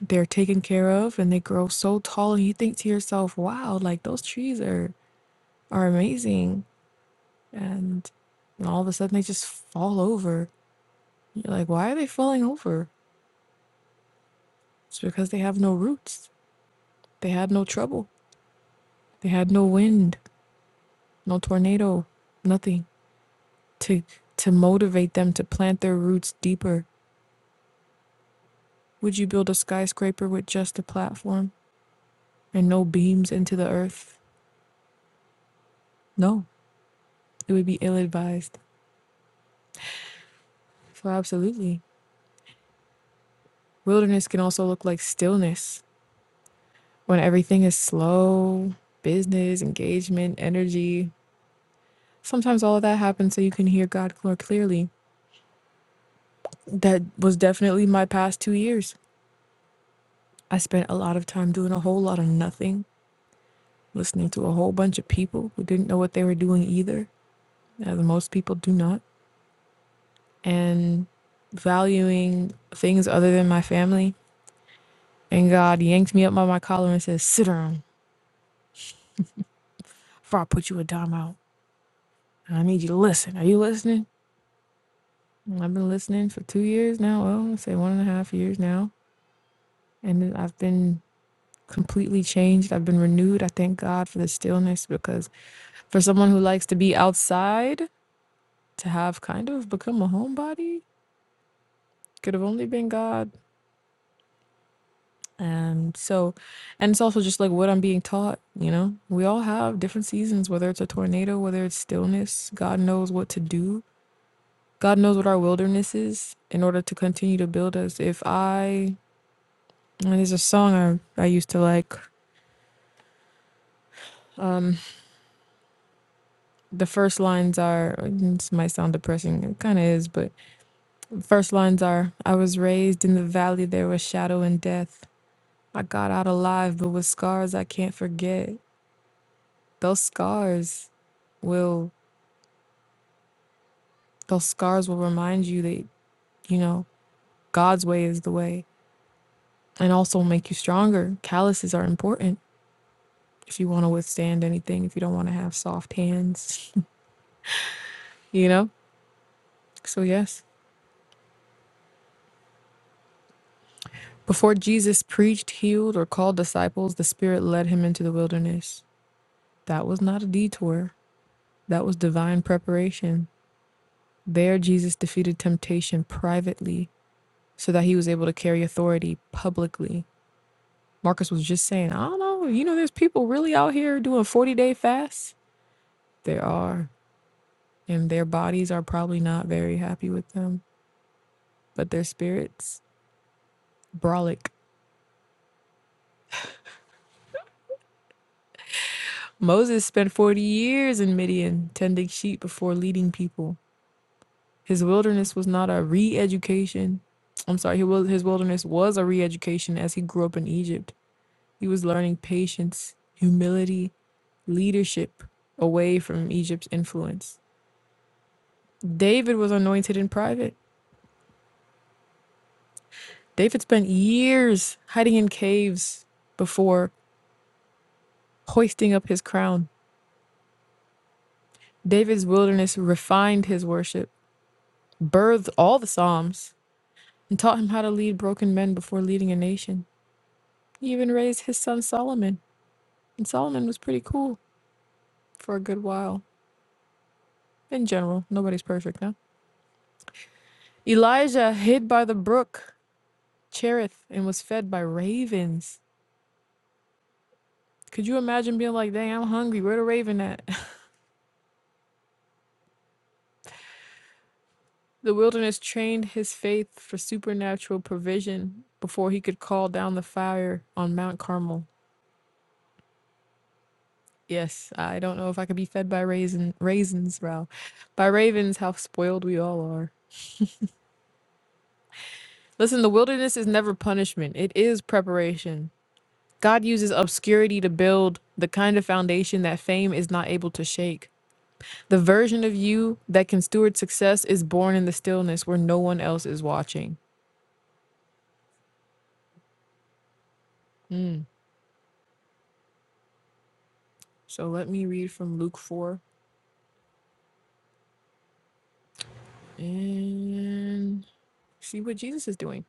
Speaker 1: they're taken care of and they grow so tall and you think to yourself, wow, like those trees are are amazing. And and all of a sudden they just fall over. You're like, why are they falling over? It's because they have no roots. They had no trouble. They had no wind, no tornado, nothing to to motivate them to plant their roots deeper. Would you build a skyscraper with just a platform? and no beams into the earth. No, it would be ill advised. So, absolutely. Wilderness can also look like stillness when everything is slow, business, engagement, energy. Sometimes all of that happens so you can hear God more clearly. That was definitely my past two years. I spent a lot of time doing a whole lot of nothing, listening to a whole bunch of people who didn't know what they were doing either, as most people do not, and valuing things other than my family And God yanked me up by my collar and says, Sit down before I put you a dime out. And I need you to listen. Are you listening? And I've been listening for two years now. Well, I'd say one and a half years now. And then I've been completely changed. I've been renewed. I thank God for the stillness because for someone who likes to be outside, to have kind of become a homebody could have only been God. And so, and it's also just like what I'm being taught, you know? We all have different seasons, whether it's a tornado, whether it's stillness. God knows what to do God knows what our wilderness is in order to continue to build us. If I and there's a song I, I used to like. Um, the first lines are this might sound depressing, it kinda is, but first lines are I was raised in the valley, there was shadow and death. I got out alive, but with scars I can't forget. Those scars will those scars will remind you that, you know, God's way is the way and also make you stronger. Calluses are important if you want to withstand anything, if you don't want to have soft hands, you know? So, yes. Before Jesus preached, healed, or called disciples, the Spirit led him into the wilderness. That was not a detour, that was divine preparation. There, Jesus defeated temptation privately so that he was able to carry authority publicly. Marcus was just saying, I don't know, you know, there's people really out here doing 40 day fasts. There are. And their bodies are probably not very happy with them, but their spirits, brolic. Moses spent 40 years in Midian tending sheep before leading people. His wilderness was not a re education. I'm sorry, his wilderness was a re education as he grew up in Egypt. He was learning patience, humility, leadership away from Egypt's influence. David was anointed in private. David spent years hiding in caves before hoisting up his crown. David's wilderness refined his worship, birthed all the Psalms, and taught him how to lead broken men before leading a nation. He even raised his son Solomon, and Solomon was pretty cool for a good while. In general, nobody's perfect, no? Elijah hid by the brook Cherith and was fed by ravens. Could you imagine being like, dang, I'm hungry, where the raven at? the wilderness trained his faith for supernatural provision before he could call down the fire on Mount Carmel. Yes, I don't know if I could be fed by raisin, raisins, Ralph. By ravens, how spoiled we all are. Listen, the wilderness is never punishment, it is preparation. God uses obscurity to build the kind of foundation that fame is not able to shake. The version of you that can steward success is born in the stillness where no one else is watching. Mm. So let me read from Luke 4 and see what Jesus is doing.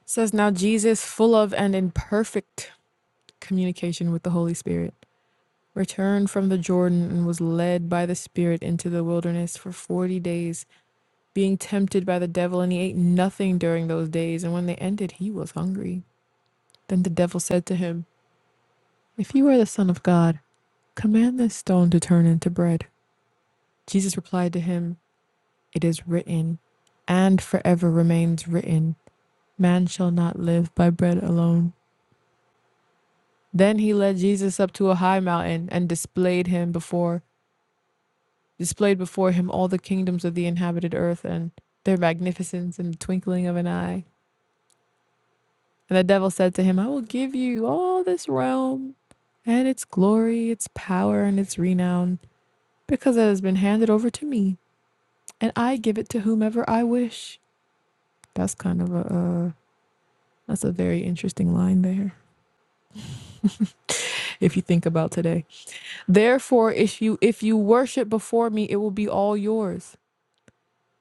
Speaker 1: It says, Now Jesus, full of and in perfect communication with the Holy Spirit, returned from the Jordan and was led by the Spirit into the wilderness for 40 days being tempted by the devil, and he ate nothing during those days. And when they ended, he was hungry. Then the devil said to him, If you are the Son of God, command this stone to turn into bread. Jesus replied to him, It is written, and forever remains written, Man shall not live by bread alone. Then he led Jesus up to a high mountain and displayed him before displayed before him all the kingdoms of the inhabited earth and their magnificence in the twinkling of an eye. And the devil said to him, I will give you all this realm and its glory, its power, and its renown, because it has been handed over to me, and I give it to whomever I wish. That's kind of a, uh, that's a very interesting line there, if you think about today. Therefore, if you if you worship before me, it will be all yours.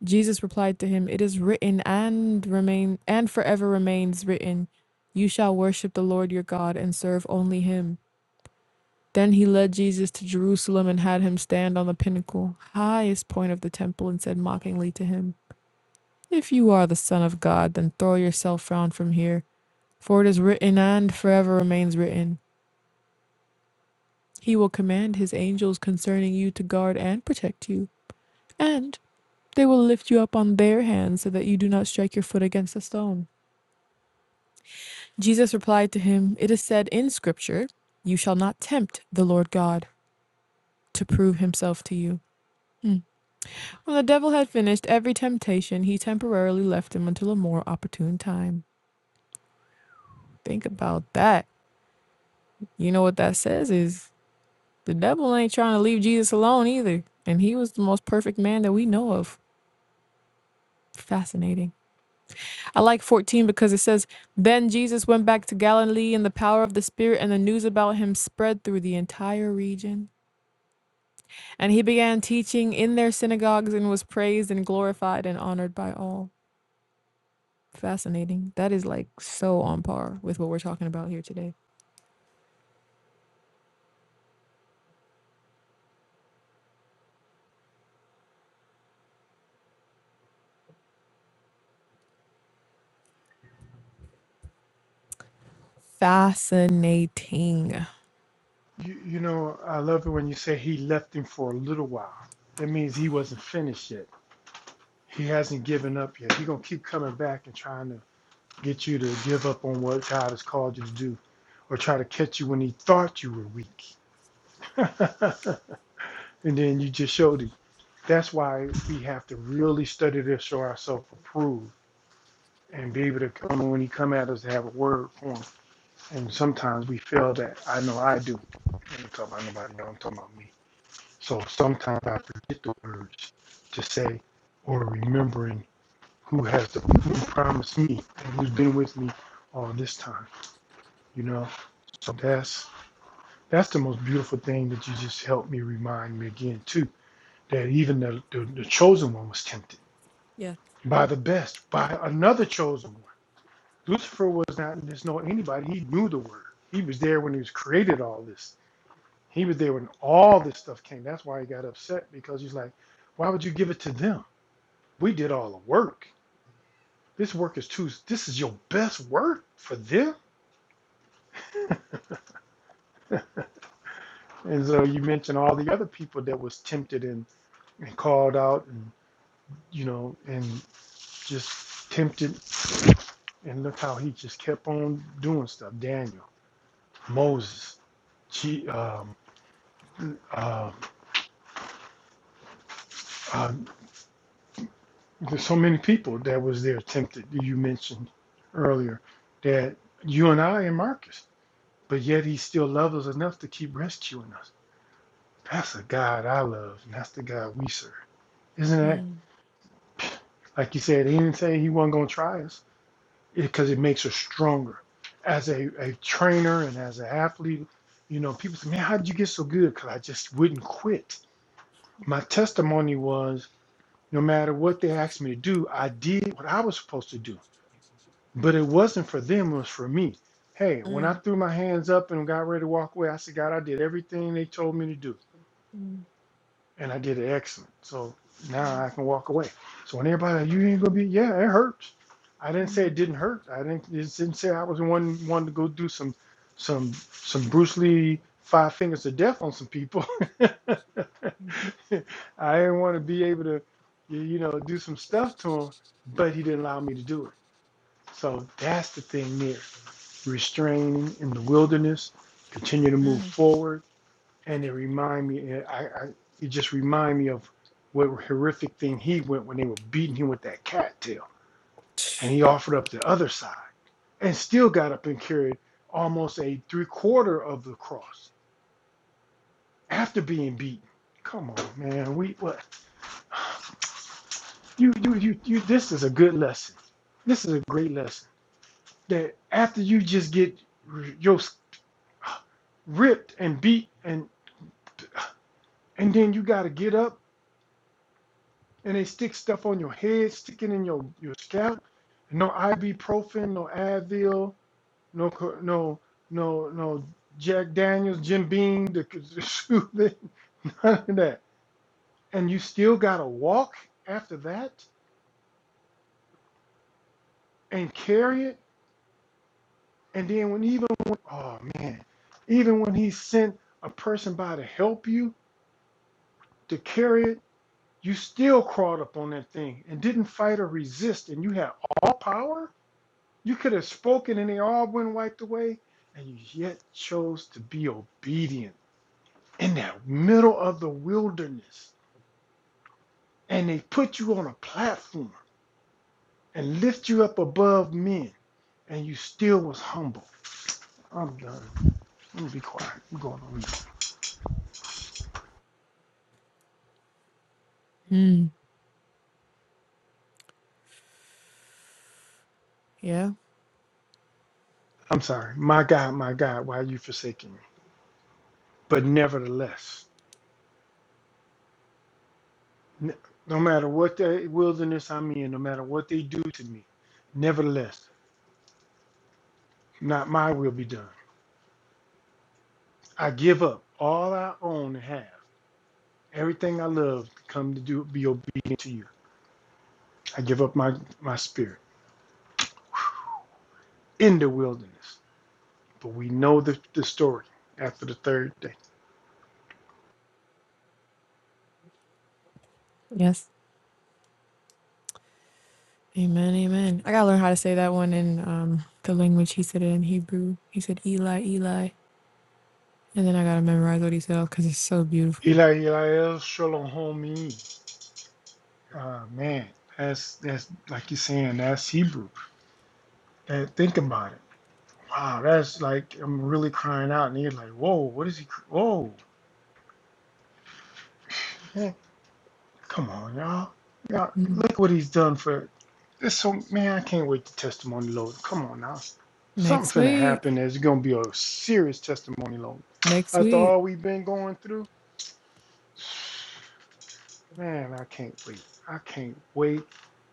Speaker 1: Jesus replied to him, It is written and remain and forever remains written, You shall worship the Lord your God and serve only him. Then he led Jesus to Jerusalem and had him stand on the pinnacle, highest point of the temple, and said mockingly to him, If you are the Son of God, then throw yourself down from here, for it is written and forever remains written. He will command his angels concerning you to guard and protect you, and they will lift you up on their hands so that you do not strike your foot against a stone. Jesus replied to him, It is said in Scripture, 'You shall not tempt the Lord God to prove himself to you. When the devil had finished every temptation, he temporarily left him until a more opportune time. Think about that. You know what that says is the devil ain't trying to leave Jesus alone either. And he was the most perfect man that we know of. Fascinating. I like 14 because it says, Then Jesus went back to Galilee in the power of the Spirit, and the news about him spread through the entire region. And he began teaching in their synagogues and was praised and glorified and honored by all. Fascinating. That is like so on par with what we're talking about here today. Fascinating.
Speaker 2: You, you know, I love it when you say he left him for a little while. That means he wasn't finished yet. He hasn't given up yet. He's going to keep coming back and trying to get you to give up on what God has called you to do or try to catch you when he thought you were weak. and then you just showed him. That's why we have to really study to show ourselves approved and be able to come when he come at us to have a word for him. And sometimes we fail that. I know I do. I ain't talking about nobody else. I'm talking about me. So sometimes I forget the words to say or remembering who has the, who promised me and who's been with me all this time, you know. So that's that's the most beautiful thing that you just helped me remind me again too, that even the, the, the chosen one was tempted
Speaker 1: Yeah.
Speaker 2: by the best, by another chosen one. Lucifer was not just know anybody, he knew the word. He was there when he was created all this. He was there when all this stuff came. That's why he got upset because he's like, why would you give it to them? We did all the work. This work is too, this is your best work for them. And so you mentioned all the other people that was tempted and, and called out and, you know, and just tempted. And look how he just kept on doing stuff. Daniel, Moses, she, um, uh, uh, there's so many people that was there tempted you mentioned earlier that you and I and Marcus, but yet he still loves us enough to keep rescuing us. That's the God I love, and that's the God we serve. Isn't that
Speaker 1: Mm.
Speaker 2: like you said? He didn't say he wasn't going to try us because it, it makes us stronger as a, a trainer and as an athlete. You know, people say, "Man, how did you get so good?" Because I just wouldn't quit. My testimony was, no matter what they asked me to do, I did what I was supposed to do. But it wasn't for them; it was for me. Hey, when I threw my hands up and got ready to walk away, I said, "God, I did everything they told me to do." and I did it excellent. So now I can walk away. So when everybody, like, you ain't gonna be, yeah, it hurts. I didn't say it didn't hurt. I didn't just didn't say I was the one wanted to go do some some some Bruce Lee five fingers to death on some people. I didn't want to be able to, you know, do some stuff to him, but he didn't allow me to do it. So that's the thing there, restraining in the wilderness, continue to move
Speaker 1: Mm.
Speaker 2: forward and it remind me I, I it just remind me of what horrific thing he went when they were beating him with that cattail and he offered up the other side and still got up and carried almost a three quarter of the cross after being beaten come on man we what you you you, you this is a good lesson this is a great lesson that after you just get your ripped and beat and and then you got to get up and they stick stuff on your head, sticking in your your scalp. No ibuprofen, no Advil, no no no no Jack Daniels, Jim Beam, the, the soothing, none of that. And you still gotta walk after that and carry it. And then when even when, oh man, even when he sent a person by to help you to carry it, you still crawled up on that thing and didn't fight or resist, and you had all power You could have spoken and they all went wiped away, and you yet chose to be obedient in that middle of the wilderness. And they put you on a platform and lift you up above men, and you still was humble. I'm done. Let me be quiet. I'm going on.
Speaker 1: Mm. Yeah.
Speaker 2: I'm sorry. My God, my God, why are you forsaking me? But nevertheless, n- no matter what the wilderness I'm in, no matter what they do to me, nevertheless, not my will be done. I give up all I own and have, everything I love, to come to do be obedient to you. I give up my my spirit in the wilderness. But we know the, the story after the third day.
Speaker 1: Yes. Amen. Amen. I gotta learn how to say that one in um the language he said it in Hebrew. He said Eli, Eli, and then I gotta memorize what he said because it's so beautiful.
Speaker 2: Eli, Eli, El Shalohomi. Ah man, that's that's like you're saying that's Hebrew. That think about it. Wow, that's like I'm really crying out, and you're like, whoa, what is he? Whoa, Come on, y'all. Y'all,
Speaker 1: Mm.
Speaker 2: look what he's done for this. So, man, I can't wait to testimony load. Come on now. Something's
Speaker 1: Next
Speaker 2: finna
Speaker 1: week.
Speaker 2: happen There's gonna be a serious testimony load.
Speaker 1: Next
Speaker 2: After
Speaker 1: week.
Speaker 2: all we've been going through, man, I can't wait. I can't wait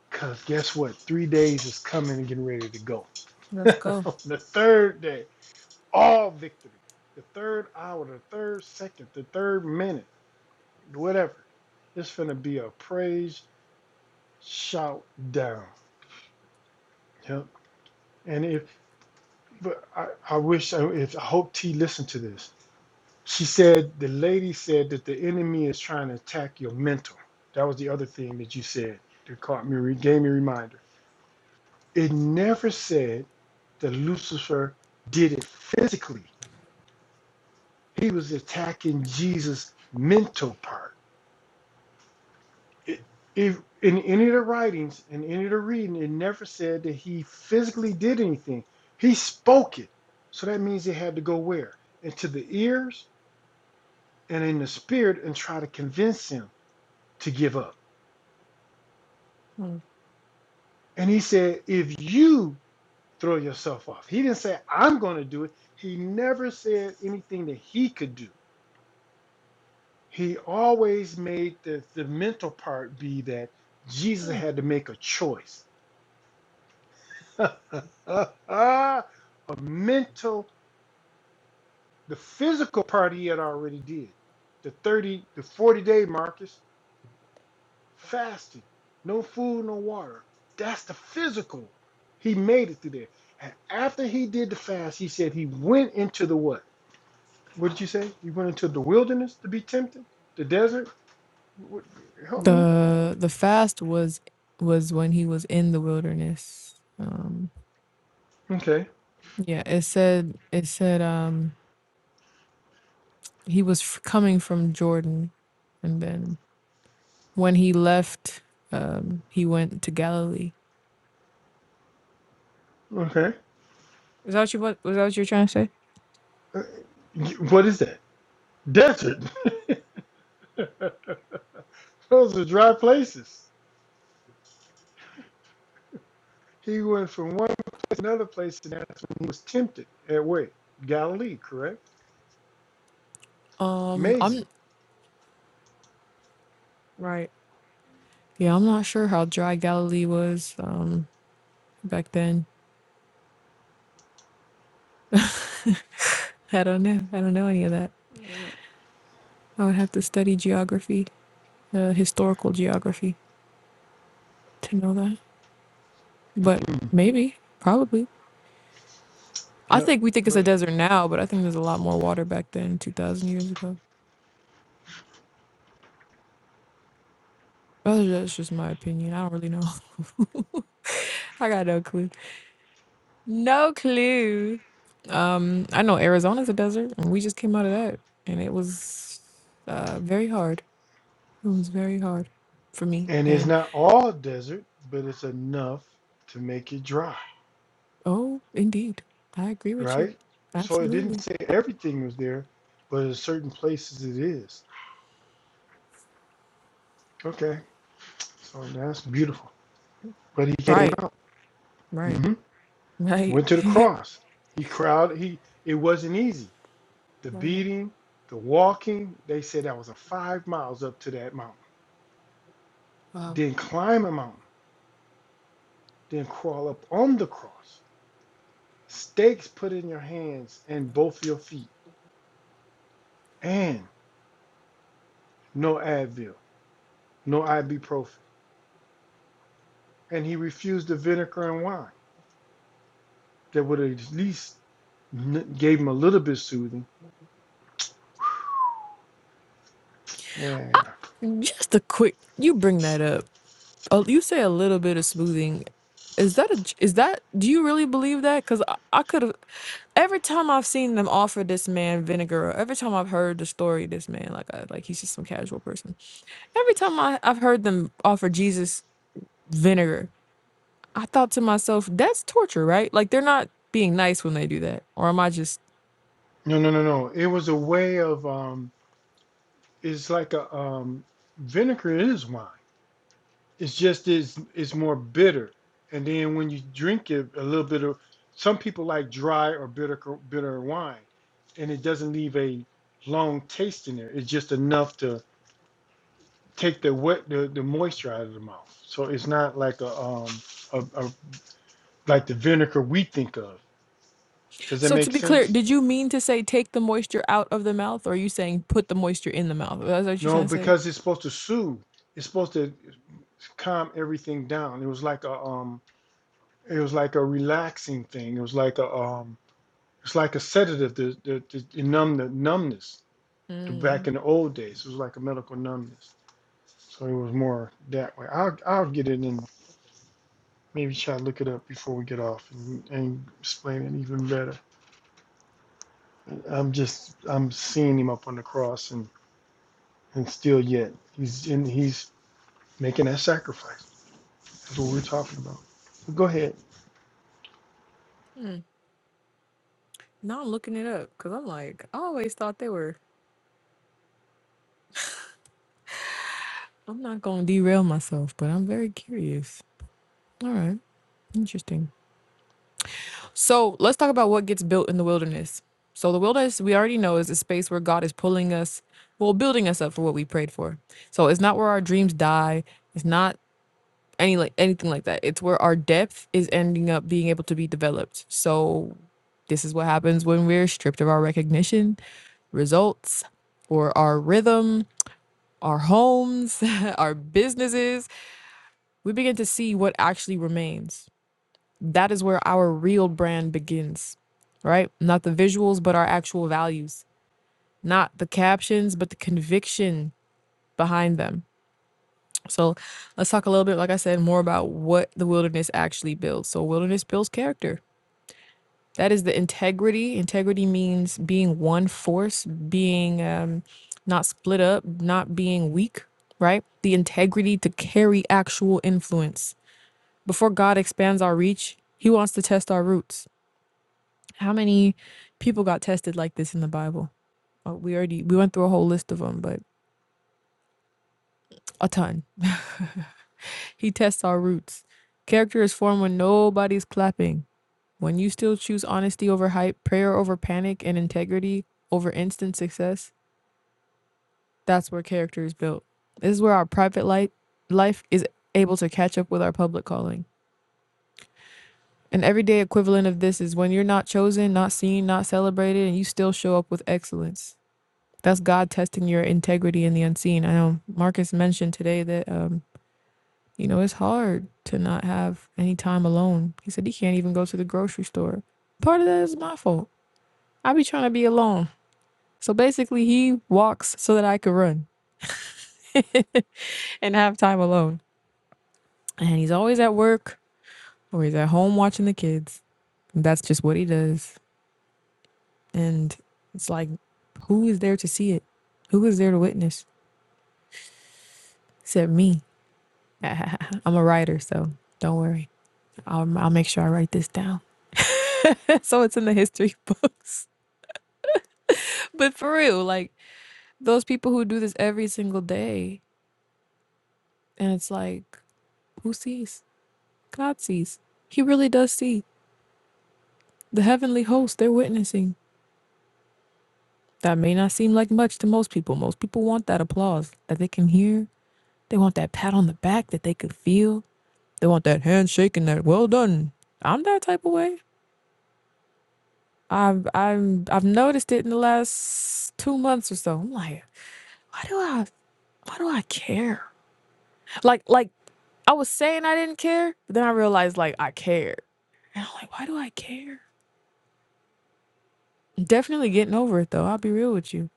Speaker 2: because guess what? Three days is coming and getting ready to go.
Speaker 1: Let's go.
Speaker 2: the third day, all victory. The third hour, the third second, the third minute, whatever. It's finna be a praise shout down. Yep. And if but I, I wish, I- if I hope T listened to this, she said the lady said that the enemy is trying to attack your mental. That was the other thing that you said that caught me, gave me a reminder. It never said that Lucifer did it physically. He was attacking Jesus' mental part. It, if in any of the writings, in any of the reading, it never said that he physically did anything. He spoke it. So that means it had to go where? Into the ears and in the spirit and try to convince him to give up. And he said, If you throw yourself off, he didn't say, I'm going to do it. He never said anything that he could do. He always made the, the mental part be that Jesus
Speaker 1: Mm.
Speaker 2: had to make a choice. a mental, the physical part he had already did. The 30, the 40 day Marcus. fasting, no food, no water. That's the physical. He made it through there. And after he did the fast, he said he went into the what? What did you say? He went into the wilderness to be tempted? The desert? What, help me.
Speaker 1: The the fast was was when he was in the wilderness. Um.
Speaker 2: Okay.
Speaker 1: Yeah. It said. It said. Um he was f- coming from Jordan, and then when he left, um, he went to Galilee.
Speaker 2: Okay.
Speaker 1: Is that what you what was that what you were trying to say?
Speaker 2: Uh, you- What is that? Desert. Those are dry places. He went from one place to another place, and that's when he was tempted at where? Galilee, correct?
Speaker 1: Um,
Speaker 2: Amazing.
Speaker 1: I'm Right. yeah, I'm not sure how dry Galilee was um back then. I don't know. I don't know any of that. I would have to study geography, uh, historical geography, to know that. But maybe, probably. I
Speaker 2: Yeah.
Speaker 1: think we think it's
Speaker 2: Yeah.
Speaker 1: a desert now, but I think there's a lot more water back then, two thousand years ago. Oh, That's just my opinion. I don't really know. I got no clue. No clue. Um, I know Arizona's a desert, and we just came out of that, and it was uh very hard. It was very hard for me.
Speaker 2: And it's
Speaker 1: And
Speaker 2: not all desert, but it's enough to make it dry,
Speaker 1: oh, indeed, I agree with you.
Speaker 2: right? So it didn't
Speaker 1: Absolutely.
Speaker 2: say everything was there, but in certain places it is. Okay, so that's beautiful. But he came
Speaker 1: Right.
Speaker 2: out,
Speaker 1: Right.
Speaker 2: hmm
Speaker 1: Right.
Speaker 2: went to the cross. He crowded. He it wasn't easy. The
Speaker 1: right.
Speaker 2: beating, the walking. They said that was a five miles up to that mountain.
Speaker 1: Wow.
Speaker 2: Then climb a mountain. Then crawl up on the cross. Stakes put in your hands and both your feet, and no Advil no ibuprofen, and he refused the vinegar and wine that would at least gave him a little bit of soothing. Yeah.
Speaker 1: Just a quick. You bring that up. Oh, you say a little bit of smoothing. Is that a, is that, do you really believe that? Because I, I could have, every time I've seen them offer this man vinegar, or every time I've heard the story of this man, like I, like he's just some casual person. Every time I, I've heard them offer Jesus vinegar, I thought to myself, that's torture, right? Like they're not being nice when they do that. Or am I just,
Speaker 2: No, no, no, no. It was a way of um. It's like a um. Vinegar is wine. It's just it's it's more bitter, and then when you drink it, a little bit of some people like dry or bitter bitter wine, and it doesn't leave a long taste in there. It's just enough to take the wet the, the moisture out of the mouth. So it's not like a um a a like the vinegar we think of. Does that
Speaker 1: so to
Speaker 2: make
Speaker 1: be clear,
Speaker 2: sense?
Speaker 1: did you mean to say take the moisture out of the mouth? Or are you saying put the moisture in the mouth? Is that what you're
Speaker 2: No,
Speaker 1: trying to
Speaker 2: because it's supposed to soothe. It's supposed to calm everything down. It was like a um, it was like a relaxing thing. It was like a um, it's like a sedative to, to, to, numb the numbness. To
Speaker 1: say?
Speaker 2: back in the old days, it was like a medical numbness. So it was more that way. I'll I'll get it and maybe try to look it up before we get off and, and explain it even better. I'm just I'm seeing him up on the cross and and still yet he's in he's making that sacrifice. That's what we're talking about. Go ahead.
Speaker 1: Now I'm looking it up because I'm like, I always thought they were. I'm not going to derail myself, but I'm very curious. All right. Interesting. So let's talk about what gets built in the wilderness. So the wilderness we already know is a space where God is pulling us, well, building us up for what we prayed for. So it's not where our dreams die. It's not any like anything like that. It's where our depth is ending up being able to be developed. So this is what happens when we're stripped of our recognition, results, or our rhythm our homes, our businesses, we begin to see what actually remains. That is where our real brand begins, right? Not the visuals, but our actual values, not the captions, but the conviction behind them. So let's talk a little bit, like I said, more about what the wilderness actually builds. So, wilderness builds character That is the integrity. Integrity means being one force, being um, not split up, not being weak, right? The integrity to carry actual influence. Before God expands our reach, He wants to test our roots. How many people got tested like this in the Bible? Oh, we already we went through a whole list of them, but a ton. He tests our roots. Character is formed when nobody's clapping. When you still choose honesty over hype, prayer over panic, and integrity over instant success, That's where character is built. This is where our private life life is able to catch up with our public calling. An everyday equivalent of this is when you're not chosen, not seen, not celebrated, and you still show up with excellence. That's God testing your integrity in the unseen. I know Marcus mentioned today that um, you know, it's hard to not have any time alone. He said he can't even go to the grocery store. Part of that is my fault. I be trying to be alone. So basically he walks so that I could run and have time alone. And he's always at work or he's at home watching the kids. That's just what he does. And it's like, who is there to see it? Who is there to witness except me? I'm a writer, so don't worry. I'll, I'll make sure I write this down so it's in the history books. But for real, like those people who do this every single day, and it's like, who sees? God sees. He really does see. The heavenly host, they're witnessing. That may not seem like much to most people. Most people want that applause that they can hear They want that pat on the back that they could feel. They want that handshake and that well done. I'm that type of way. I've I'm I've noticed it in the last two months or so. I'm like, why do I why do I care? Like like I was saying I didn't care, but then I realized like I cared. And I'm like, why do I care? I'm definitely getting over it though. I'll be real with you.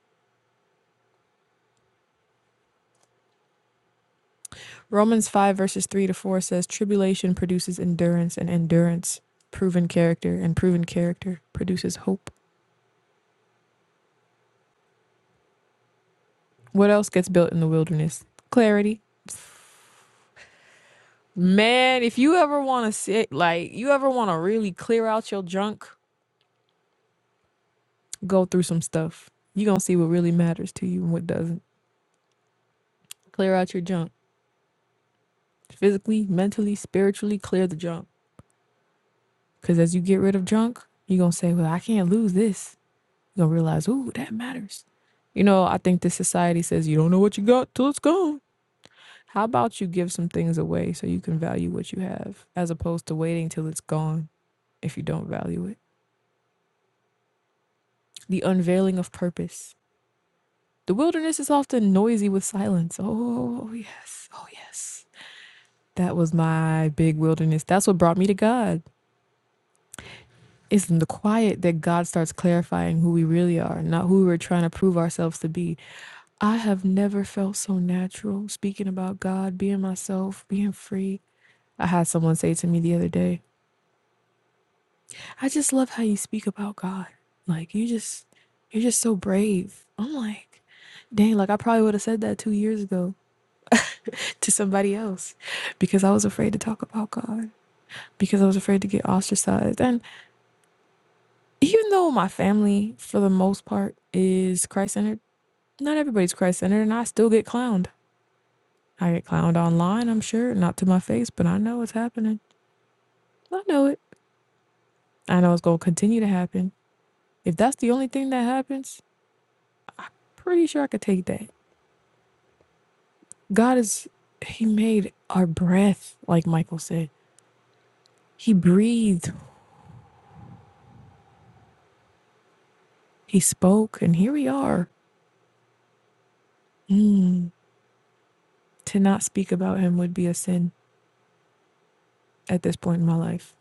Speaker 1: Romans 5 verses 3 to 4 says, Tribulation produces endurance, and endurance, proven character, and proven character produces hope. What else gets built in the wilderness? Clarity. Man, if you ever want to sit, like, you ever want to really clear out your junk, go through some stuff. you going to see what really matters to you and what doesn't. Clear out your junk physically, mentally, spiritually, clear the junk. Because as you get rid of junk, you're going to say, Well, I can't lose this. You're going to realize, Ooh, that matters. You know, I think this society says you don't know what you got till it's gone. How about you give some things away so you can value what you have as opposed to waiting till it's gone if you don't value it? the unveiling of purpose. The wilderness is often noisy with silence. Oh, oh, yes. Oh, yes. That was my big wilderness. That's what brought me to God. It's in the quiet that God starts clarifying who we really are, not who we're trying to prove ourselves to be. I have never felt so natural speaking about God, being myself, being free. I had someone say to me the other day, I just love how you speak about God. Like, you just, you're just so brave. I'm like, dang, like I probably would have said that two years ago. to somebody else because I was afraid to talk about God, because I was afraid to get ostracized. And even though my family, for the most part, is Christ centered, not everybody's Christ centered, and I still get clowned. I get clowned online, I'm sure, not to my face, but I know it's happening. I know it. I know it's going to continue to happen. If that's the only thing that happens, pretty sure I could take that. God is, He made our breath, like Michael said. He breathed, He spoke, and here we are. Mm. To not speak about him would be a sin at this point in my life.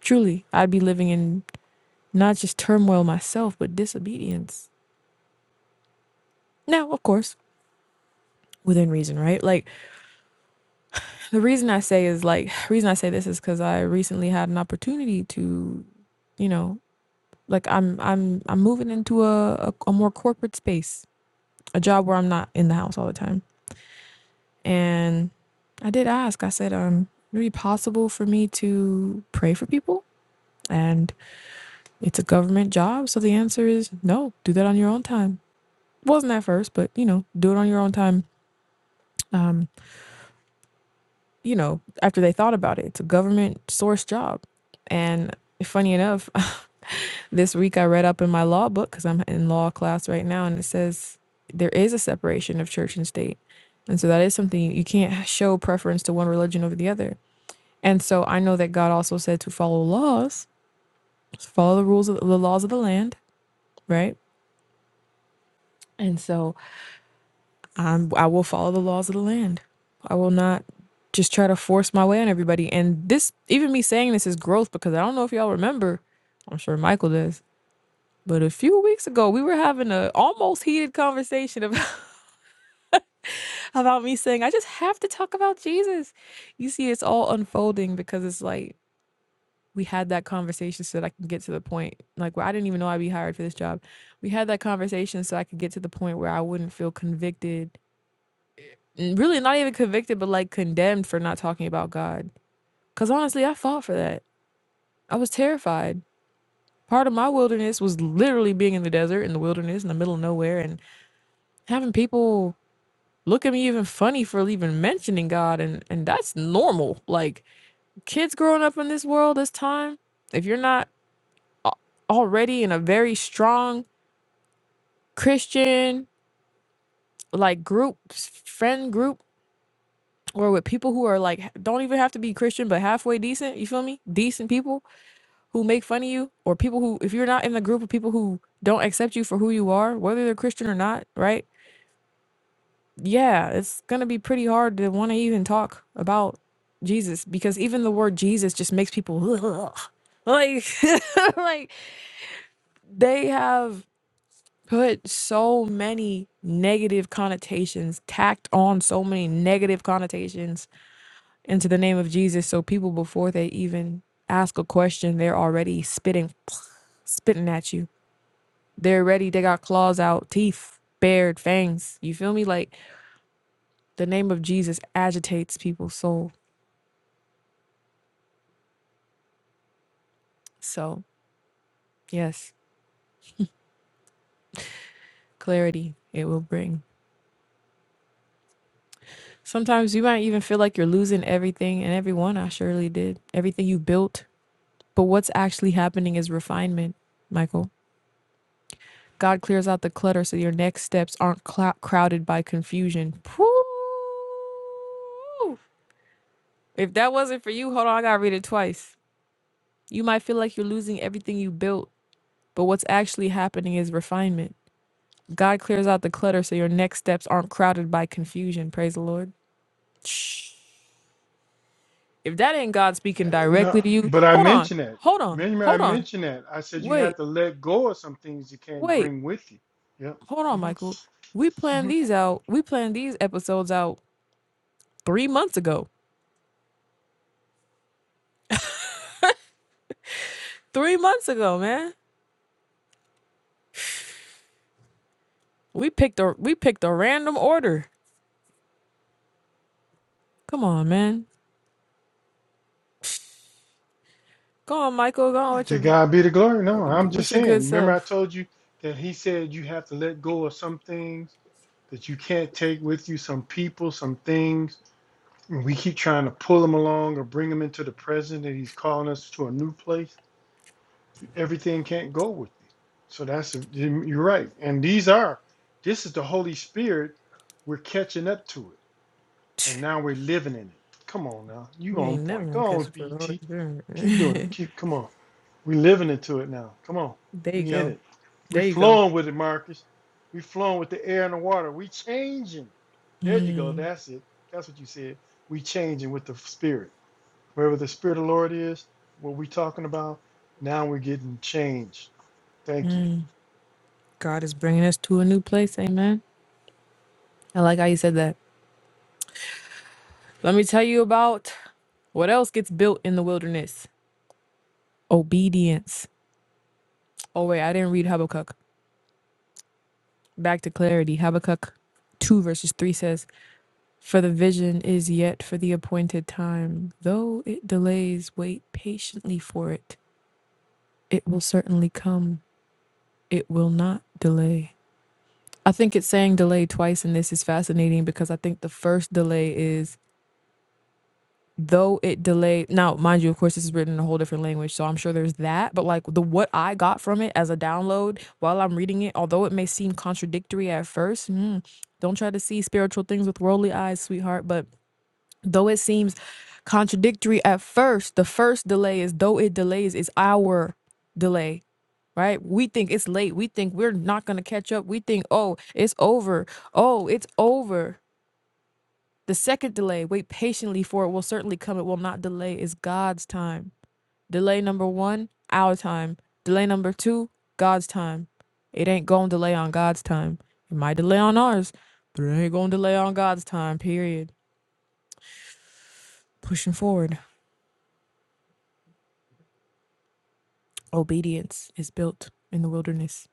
Speaker 1: Truly, I'd be living in not just turmoil myself, but disobedience. Now, of course, within reason, right? Like the reason I say is like the reason I say this is because I recently had an opportunity to, you know, like I'm I'm I'm moving into a, a a more corporate space, a job where I'm not in the house all the time. And I did ask. I said, um, would it be possible for me to pray for people? And It's a government job, so the answer is no. Do that on your own time. Wasn't at first, but you know, do it on your own time. Um, you know, after they thought about it, it's a government source job. And funny enough, this week I read up in my law book because I'm in law class right now, and it says there is a separation of church and state. And so that is something you you can't show preference to one religion over the other. And so I know that God also said to follow laws, follow the rules of the laws of the land, right? And so I'm, I will follow the laws of the land. I will not just try to force my way on everybody. And this, even me saying this is growth because I don't know if y'all remember, I'm sure Michael does, but a few weeks ago, we were having a almost heated conversation about, about me saying, I just have to talk about Jesus. You see, it's all unfolding because it's like, we had that conversation so that I can get to the point, like, where I didn't even know I'd be hired for this job. We had that conversation so I could get to the point where I wouldn't feel convicted n- really not even convicted, but like condemned for not talking about God. Because honestly, I fought for that. I was terrified. Part of my wilderness was literally being in the desert, in the wilderness, in the middle of nowhere, and having people look at me even funny for even mentioning God. And, and that's normal. Like kids growing up in this world this time, if you're not already in a very strong Christian, like group, s- friend group, or with people who are like, don't even have to be Christian, but halfway decent, you feel me? Decent people who make fun of you or people who if you're not in the group of people who don't accept you for who you are whether they're christian or not right yeah it's gonna be pretty hard to want to even talk about jesus because even the word jesus just makes people like like they have put so many negative connotations tacked on so many negative connotations into the name of jesus so people before they even ask a question they're already spitting spitting at you They're ready. They got claws out, teeth, bared, fangs. You feel me? Like the name of Jesus agitates people's soul. So, yes, clarity it will bring. Sometimes you might even feel like you're losing everything and everyone. I surely did. Everything you built. But what's actually happening is refinement, Michael. God clears out the clutter so your next steps aren't clou- crowded by confusion. Whew. If that wasn't for you, hold on, I gotta read it twice. You might feel like you're losing everything you built, But what's actually happening is refinement. God clears out the clutter so your next steps aren't crowded by confusion. Praise the Lord. If that ain't God
Speaker 2: Uh,
Speaker 1: speaking
Speaker 2: No,
Speaker 1: directly to you,
Speaker 2: but I
Speaker 1: hold on,
Speaker 2: mentioned that.
Speaker 1: hold on,
Speaker 2: Remember, I
Speaker 1: hold on.
Speaker 2: mentioned that. I said you have
Speaker 1: Wait,
Speaker 2: to let go of some things you can't
Speaker 1: wait,
Speaker 2: bring with you. Yep.
Speaker 1: hold on,
Speaker 2: hmm
Speaker 1: Michael. We planned
Speaker 2: hmm
Speaker 1: these out. We planned these episodes out three months ago. Three months ago, man. We picked a we picked a random order. Come on, man. Go on, Michael. Go on with
Speaker 2: To
Speaker 1: your
Speaker 2: God be the glory. No, I'm
Speaker 1: with
Speaker 2: just
Speaker 1: your good
Speaker 2: saying. Remember, I
Speaker 1: self.
Speaker 2: told you that He said you have to let go of some things that you can't take with you, some people, some things. And we keep trying to pull them along or bring them into the present, and He's calling us to a new place. everything can't go with you. So that's you're right. And these are this is the Holy Spirit. We're catching up to it, and now we're living in it. Come on now, you
Speaker 1: We
Speaker 2: on
Speaker 1: ain't never
Speaker 2: point.
Speaker 1: gonna
Speaker 2: Go
Speaker 1: catch
Speaker 2: on,
Speaker 1: it for the Holy
Speaker 2: BT.
Speaker 1: Spirit.
Speaker 2: Keep doing it. Keep come on. We're living into it now. Come on,
Speaker 1: There you
Speaker 2: we in
Speaker 1: go.
Speaker 2: it. We
Speaker 1: There you go.
Speaker 2: flowing with it, Marcus. We flowing with the air and the water. We changing. There you go. That's it. That's what you said. We changing with the Spirit. Wherever the Spirit of the Lord is, what we talking about. Now we're getting changed Thank you.
Speaker 1: God is bringing us to a new place. Amen. I like how you said that. Let me tell you about what else gets built in the wilderness obedience. Oh, wait, I didn't read Habakkuk. Back to clarity. Habakkuk 2, verses 3 says, For the vision is yet for the appointed time. Though it delays, wait patiently for it. It will certainly come, it will not delay. I think it's saying delay twice, and this is fascinating because I think the first delay is though it delayed now mind you of course this is written in a whole different language so i'm sure there's that but like the what i got from it as a download while i'm reading it although it may seem contradictory at first mm, don't try to see spiritual things with worldly eyes sweetheart but though it seems contradictory at first the first delay is though it delays is our delay right we think it's late we think we're not going to catch up we think oh it's over oh it's over the second delay, wait patiently for it will certainly come. It will not delay, is God's time. Delay number one, our time. Delay number two, God's time. It ain't going to delay on God's time. It might delay on ours, but it ain't going to delay on God's time, period. Pushing forward. Obedience is built in the wilderness,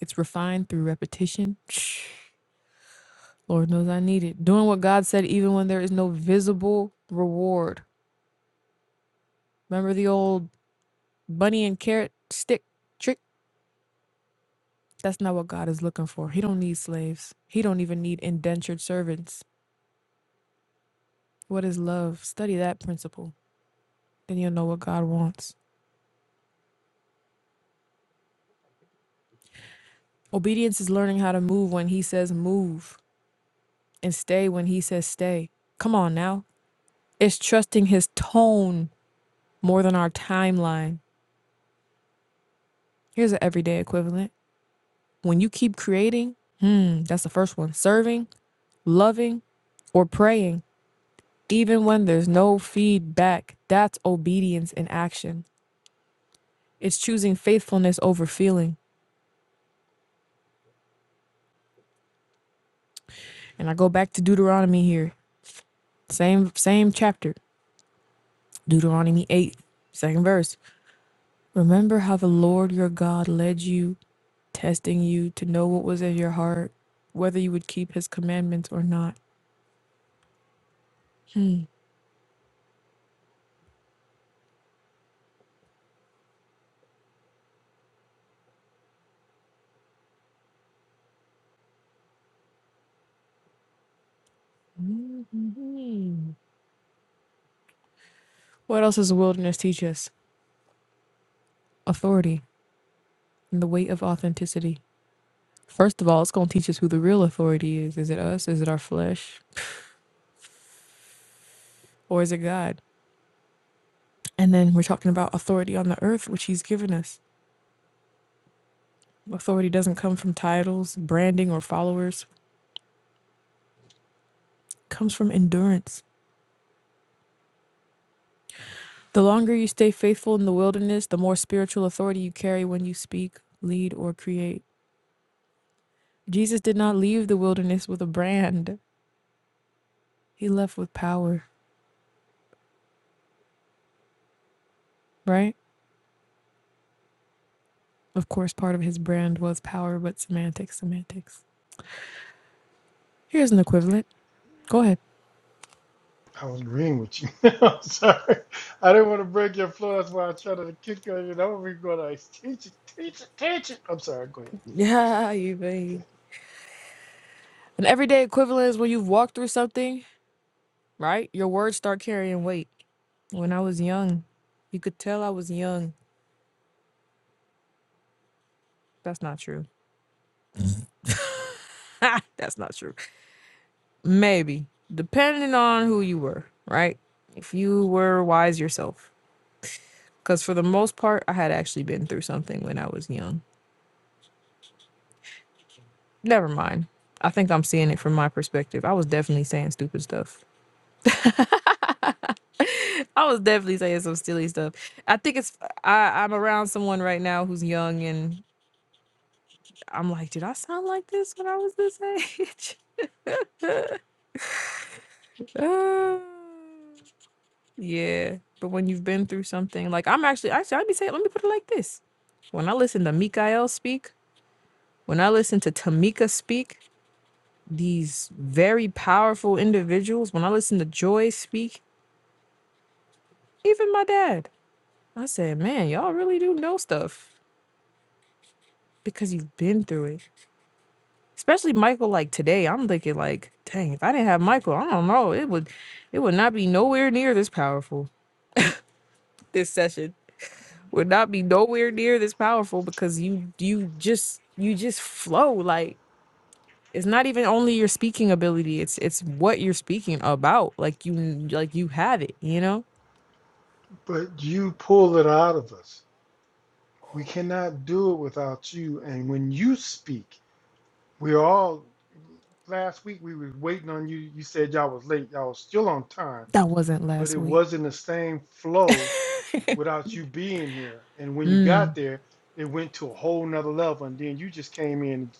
Speaker 1: it's refined through repetition. Shh, Lord knows I need it. Doing what God said, even when there is no visible reward. Remember the old bunny and carrot stick trick? That's not what God is looking for. He don't need slaves. He don't even need indentured servants. What is love? Study that principle. Then you'll know what God wants. Obedience is learning how to move when he says move and stay when he says stay. Come on now. It's trusting his tone more than our timeline. Here's an everyday equivalent. When you keep creating, hmm, that's the first one. Serving, loving, or praying, even when there's no feedback, that's obedience in action. It's choosing faithfulness over feeling. And I go back to Deuteronomy here. Same same chapter. Deuteronomy 8, second verse. Remember how the Lord your God led you, testing you to know what was in your heart, whether you would keep his commandments or not. What else does the wilderness teach us? Authority and the weight of authenticity. First of all, it's going to teach us who the real authority is. Is it us? Is it our flesh? Or is it God? And then we're talking about authority on the earth, which he's given us. Authority doesn't come from titles, branding, or followers. It comes from endurance. The longer you stay faithful in the wilderness, the more spiritual authority you carry when you speak, lead, or create. Jesus did not leave the wilderness with a brand. He left with power, right? Of course, part of his brand was power, but semantics, semantics. Here's an equivalent. Go ahead.
Speaker 2: I was agreeing with you. I'm sorry. I didn't want to break your flow. That's why I tried to kick on you. That would be going to teach it, teach it, teach it. I'm sorry. Go ahead. I'm sorry.
Speaker 1: Yeah, you babe.
Speaker 2: Okay.
Speaker 1: An everyday equivalent is when you've walked through something, right? Your words start carrying weight. When I was young, you could tell I was young That's not true. That's not true. Maybe, depending on who you were, right? If you were wise yourself. Because for the most part, I had actually been through something when I was young. Never mind. I think I'm seeing it from my perspective. I was definitely saying stupid stuff. I was definitely saying some silly stuff. I think it's, I, I'm around someone right now who's young and I'm like, did I sound like this when I was this age? uh... Yeah, but when you've been through something, like I'm actually, actually, I'd be saying, let me put it like this. When I listen to Mikael speak, when I listen to Tamika speak, these very powerful individuals, when I listen to Joy speak, even my dad, I said, man, y'all really do know stuff because you've been through it. Especially Michael, like today, I'm thinking like, dang, if I didn't have Michael, I don't know, it would, it would not be nowhere near this powerful this session. would not be nowhere near this powerful because you you just you just flow like it's not even only your speaking ability it's it's what you're speaking about like you like you have it you know
Speaker 2: But you pull it out of us. We cannot do it without you. And when you speak, we all. Last week we were waiting on you. You said y'all was late. Y'all was still on time,
Speaker 1: that wasn't
Speaker 2: but
Speaker 1: last
Speaker 2: it
Speaker 1: week
Speaker 2: wasn't the same flow without you being there. And when you got there, it went to a whole nother level. And then you just came in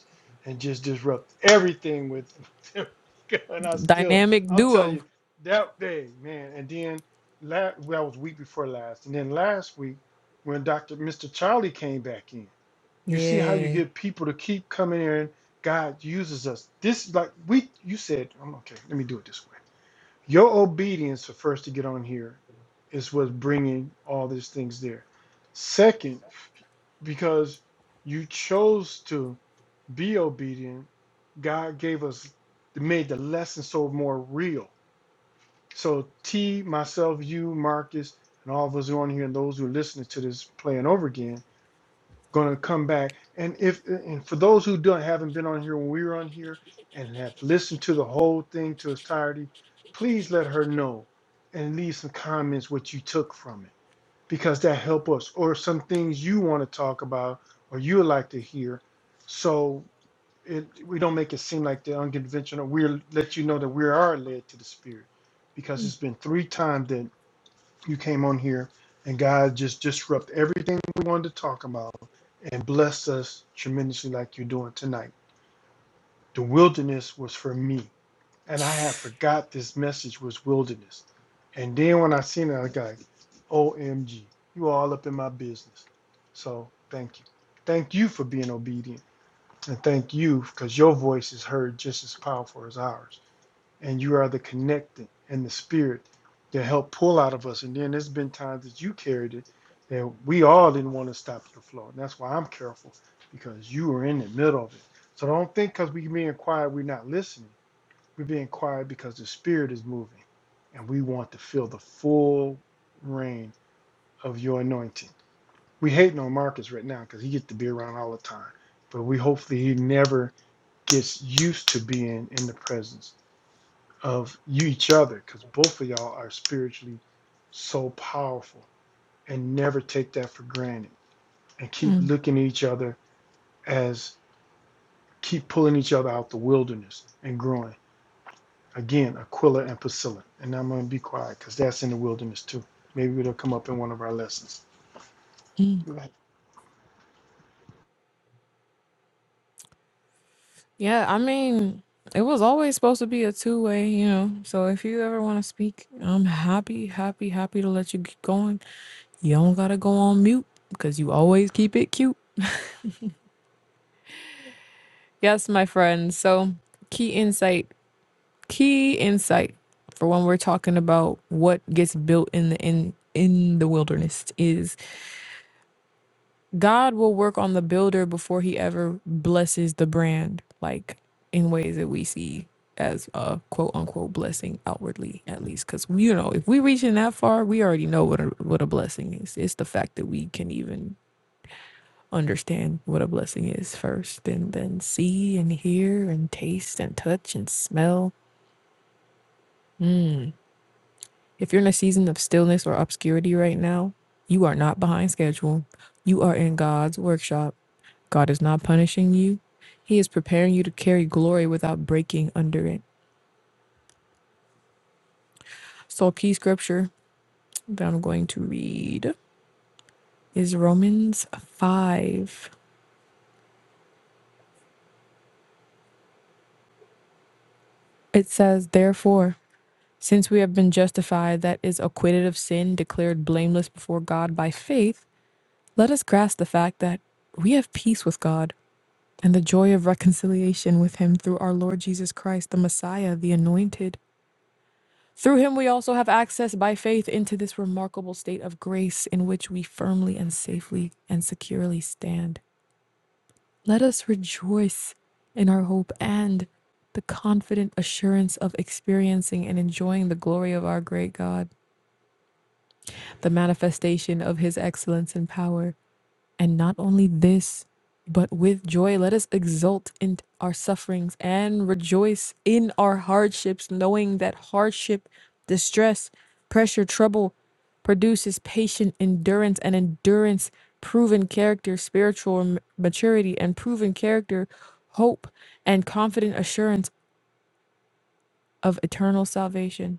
Speaker 2: and just disrupted everything with and I still
Speaker 1: dynamic
Speaker 2: I'll tell
Speaker 1: duo
Speaker 2: you that day, man. And then last well, that was week before last. And then last week when Dr. Mr. Charlie came back in, you see how you
Speaker 1: yeah
Speaker 2: get people to keep coming in. God uses us. This like we you said, I'm okay, let me do it this way your obedience to first to get on here is what's bringing all these things there. Second, because you chose to be obedient, God gave us, made the lesson so more real. So T, myself, you, Marcus, and all of us who are on here and those who are listening to this playing over again going to come back. And if and for those who don't haven't been on here when we were on here and have listened to the whole thing to its entirety, please let her know and leave some comments what you took from it because that help us or some things you want to talk about or you would like to hear. So it, we don't make it seem like they're unconventional. We'll let you know that we are led to the spirit because it's been three times that you came on here and God just disrupted everything we wanted to talk about and blessed us tremendously like you're doing tonight. The wilderness was for me. And I had forgot this message was wilderness. And then when I seen it, I was like, OMG, you all up in my business. So thank you. Thank you for being obedient. And thank you because your voice is heard just as powerful as ours and you are the connected and the spirit to help pull out of us. And then there's been times that you carried it that we all didn't want to stop your flow. And that's why I'm careful because you were in the middle of it. So don't think because we're being quiet, we're not listening. We're being quiet because the spirit is moving and we want to feel the full reign of your anointing. We hating on Marcus right now because he gets to be around all the time. But we hopefully he never gets used to being in the presence of you each other because both of y'all are spiritually so powerful and never take that for granted and keep
Speaker 1: Mm.
Speaker 2: looking at each other as keep pulling each other out the wilderness and growing again aquila and priscilla and i'm going to be quiet because that's in the wilderness too maybe it'll come up in one of our lessons well
Speaker 1: yeah i mean it was always supposed to be a two-way you know so if you ever want to speak i'm happy happy happy to let you keep going you don't gotta go on mute because you always keep it cute Yes, my friend. So, key insight, key insight for when we're talking about what gets built in the in in the wilderness is God will work on the builder before he ever blesses the brand, like in ways that we see as a quote unquote blessing outwardly, at least. Because you know, if we reaching that far, we already know what a what a blessing is. It's the fact that we can even understand what a blessing is first and then see and hear and taste and touch and smell. If you're in a season of stillness or obscurity right now, you are not behind schedule. You are in God's workshop. God is not punishing you. He is preparing you to carry glory without breaking under it. So, a key scripture that I'm going to read is Romans 5. It says, Therefore, Since we have been justified, that is, acquitted of sin, declared blameless before God by faith, let us grasp the fact that we have peace with God and the joy of reconciliation with Him through our Lord Jesus Christ, the Messiah, the Anointed. Through Him, we also have access by faith into this remarkable state of grace in which we firmly and safely and securely stand. Let us rejoice in our hope and the confident assurance of experiencing and enjoying the glory of our great God. the manifestation of his excellence and power. And not only this, but with joy, let us exult in our sufferings and rejoice in our hardships, knowing that hardship, distress, pressure, trouble produces patient endurance, and endurance, proven character, spiritual m- maturity, and proven character, hope, and confident assurance of eternal salvation.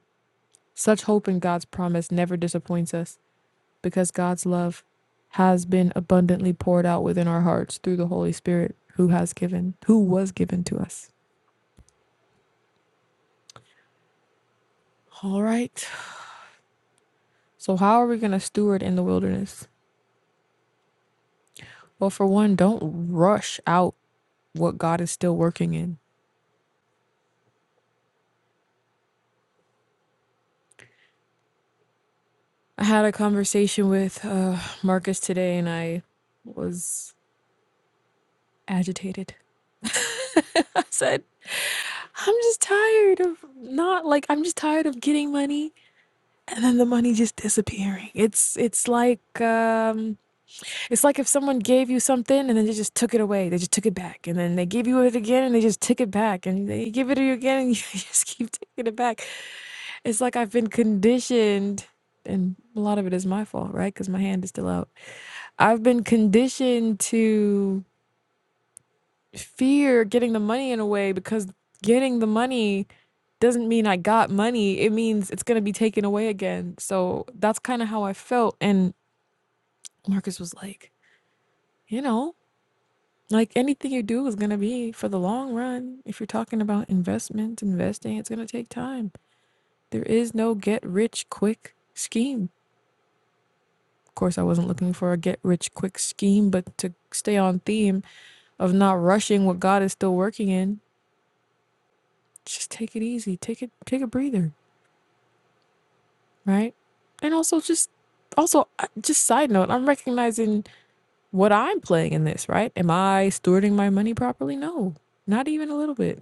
Speaker 1: Such hope in God's promise never disappoints us because God's love has been abundantly poured out within our hearts through the Holy Spirit who has given who was given to us. All right. So how are we going to steward in the wilderness? Well, for one, don't rush out what God is still working in. I had a conversation with uh, Marcus today and I was agitated. I said, I'm just tired of not like, I'm just tired of getting money. and then the money just disappearing. It's it's like um, it's like if someone gave you something and then they just took it away. They just took it back, and then they gave you it again and they just took it back, and they give it to you again and you just keep taking it back. It's like I've been conditioned, and a lot of it is my fault, right? Because my hand is still out. I've been conditioned to fear getting the money in a way because getting the money doesn't mean I got money. It means it's gonna be taken away again. So that's kind of how I felt, and Marcus was like, you know, like anything you do is going to be for the long run. If you're talking about investment, investing, it's going to take time. There is no get rich quick scheme. Of course, I wasn't looking for a get rich quick scheme, but to stay on theme of not rushing what God is still working in, just take it easy. Take it, take a breather, right? And also just, also just side note, I'm recognizing what I'm playing in this, right? Am I stewarding my money properly? No, not even a little bit.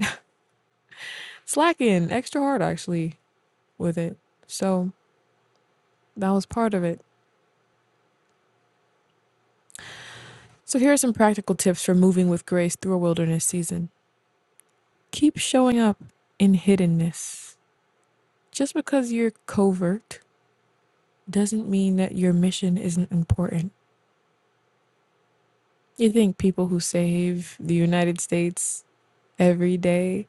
Speaker 1: slacking extra hard actually with it. So that was part of it. So here are some practical tips for moving with grace through a wilderness season. Keep showing up in hiddenness. Just because you're covert doesn't mean that your mission isn't important. You think people who save the United States every day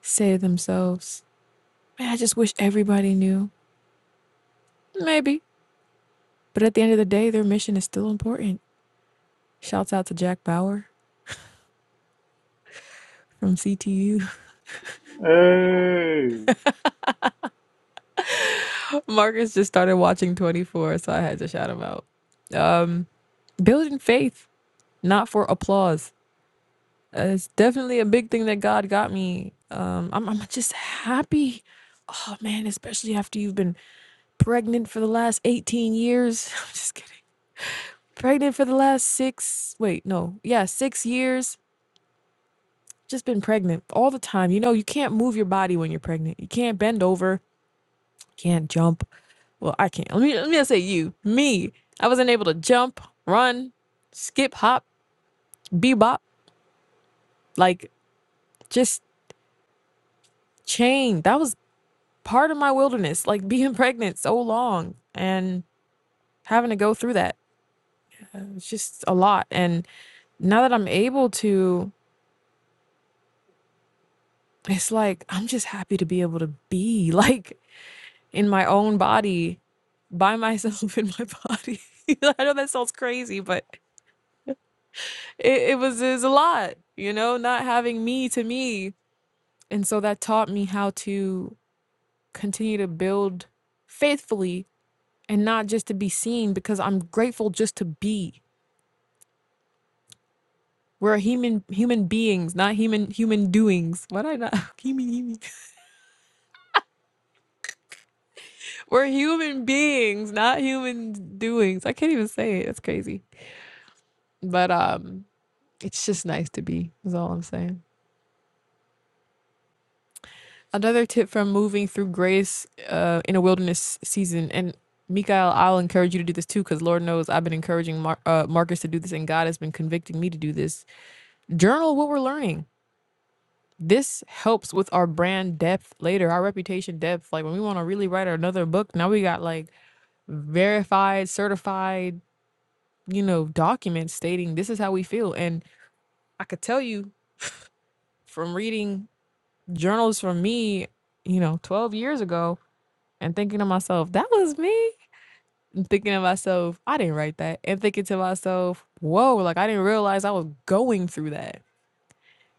Speaker 1: say to themselves, Man, I just wish everybody knew. Maybe. But at the end of the day, their mission is still important. Shouts out to Jack Bauer from CTU.
Speaker 3: Hey,
Speaker 1: Marcus just started watching 24, so I had to shout him out. Um, building faith, not for applause. Uh, it's definitely a big thing that God got me. Um, I'm, I'm just happy. Oh man, especially after you've been pregnant for the last 18 years. I'm just kidding. Pregnant for the last six, wait, no, yeah, six years. Just been pregnant all the time. You know, you can't move your body when you're pregnant. You can't bend over. Can't jump. Well, I can't. Let me let me not say you. Me. I wasn't able to jump, run, skip, hop, bebop. Like just chain. That was part of my wilderness. Like being pregnant so long and having to go through that. Uh, It's just a lot. And now that I'm able to, it's like I'm just happy to be able to be like in my own body by myself in my body. I know that sounds crazy, but it, it was is a lot, you know, not having me to me. And so that taught me how to continue to build faithfully and not just to be seen because I'm grateful just to be. We're human human beings, not human human doings. Why did I not human human? We're human beings, not human doings. I can't even say it. That's crazy. But um it's just nice to be, is all I'm saying. Another tip from moving through grace uh, in a wilderness season, and Mikael, I'll encourage you to do this too, because Lord knows I've been encouraging Mar- uh, Marcus to do this, and God has been convicting me to do this. Journal what we're learning. This helps with our brand depth later, our reputation depth. Like when we want to really write another book, now we got like verified, certified, you know, documents stating this is how we feel. And I could tell you from reading journals from me, you know, 12 years ago, and thinking to myself, that was me. And thinking to myself, I didn't write that. And thinking to myself, whoa, like I didn't realize I was going through that.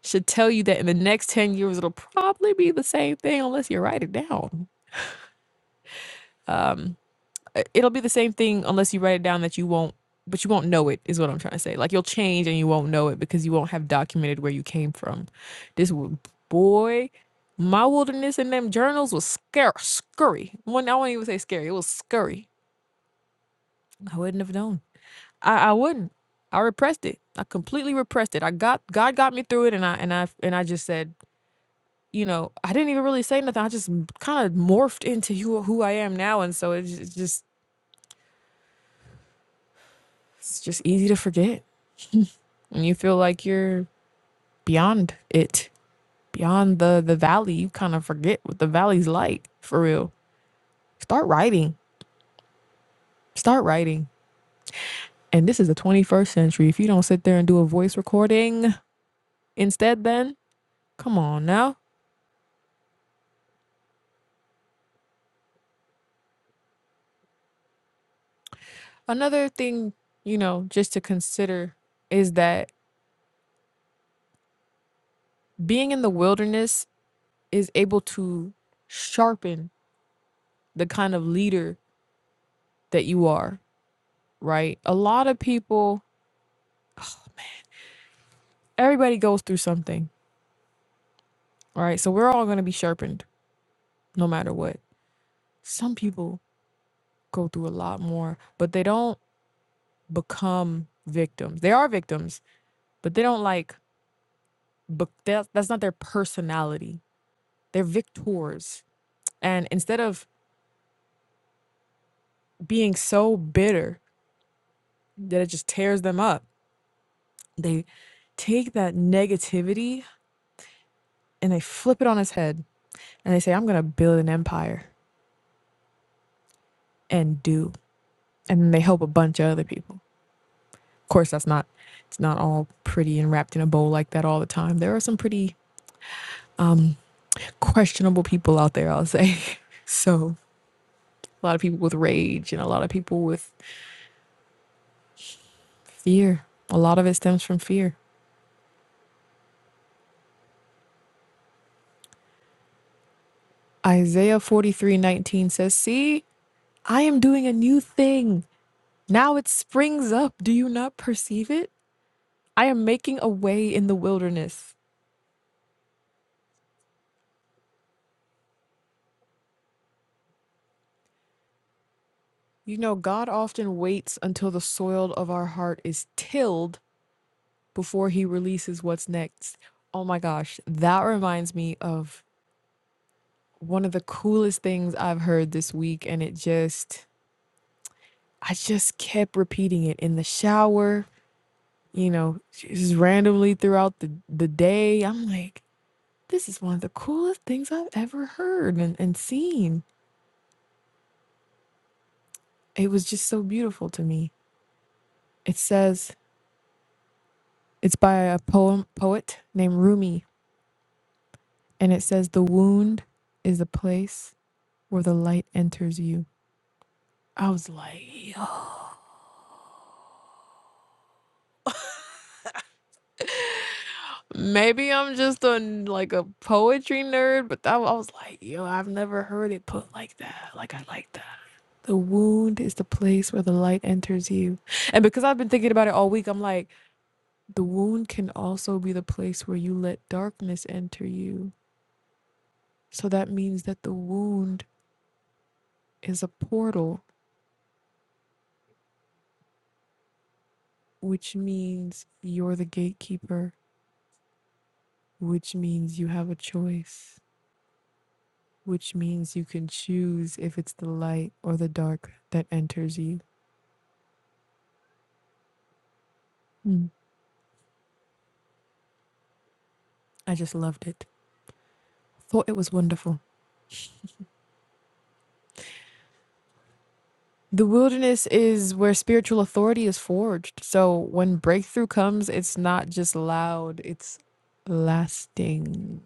Speaker 1: Should tell you that in the next 10 years, it'll probably be the same thing unless you write it down. Um, it'll be the same thing unless you write it down that you won't, but you won't know it, is what I'm trying to say. Like you'll change and you won't know it because you won't have documented where you came from. This w- boy, my wilderness in them journals was scare, scurry. One, I won't even say scary, it was scurry. I wouldn't have known. I, I wouldn't. I repressed it. I completely repressed it. I got God got me through it, and I and I and I just said, you know, I didn't even really say nothing. I just kind of morphed into who who I am now, and so it's it's just it's just easy to forget when you feel like you're beyond it, beyond the the valley. You kind of forget what the valley's like for real. Start writing. Start writing. And this is the 21st century. If you don't sit there and do a voice recording instead, then come on now Another thing, you know, just to consider is that being in the wilderness is able to sharpen the kind of leader that you are, right? A lot of people, everybody goes through something, all right? So we're all going to be sharpened no matter what. Some people go through a lot more, but they don't become victims. They are victims, but they don't like, but that, that's not their personality. They're victors. And instead of being so bitter that it just tears them up. They take that negativity and they flip it on its head and they say, I'm going to build an empire and do. And then they help a bunch of other people. Of course, that's not, it's not all pretty and wrapped in a bow like that all the time. There are some pretty questionable people out there, I'll say. so a lot of people with rage and a lot of people with fear. A lot of it stems from fear. Isaiah forty three nineteen says, See, I am doing a new thing. Now it springs up. Do you not perceive it? I am making a way in the wilderness. You know, God often waits until the soil of our heart is tilled before he releases what's next. Oh my gosh, that reminds me of one of the coolest things I've heard this week. And it just, I just kept repeating it in the shower, you know, just randomly throughout the, the day. I'm like, this is one of the coolest things I've ever heard and, and seen It was just so beautiful to me. It says it's by a poem poet named Rumi, and it says the wound is the place where the light enters you. I was like, yo, maybe I'm just a like a poetry nerd, but that, I was like, yo, I've never heard it put like that. Like I like that. The wound is the place where the light enters you. And because I've been thinking about it all week, I'm like, the wound can also be the place where you let darkness enter you. So that means that the wound is a portal, which means you're the gatekeeper, which means you have a choice, which means you can choose if it's the light or the dark that enters you. Mm. I just loved it. Thought it was wonderful. The wilderness is where spiritual authority is forged. So when breakthrough comes, it's not just loud, it's lasting.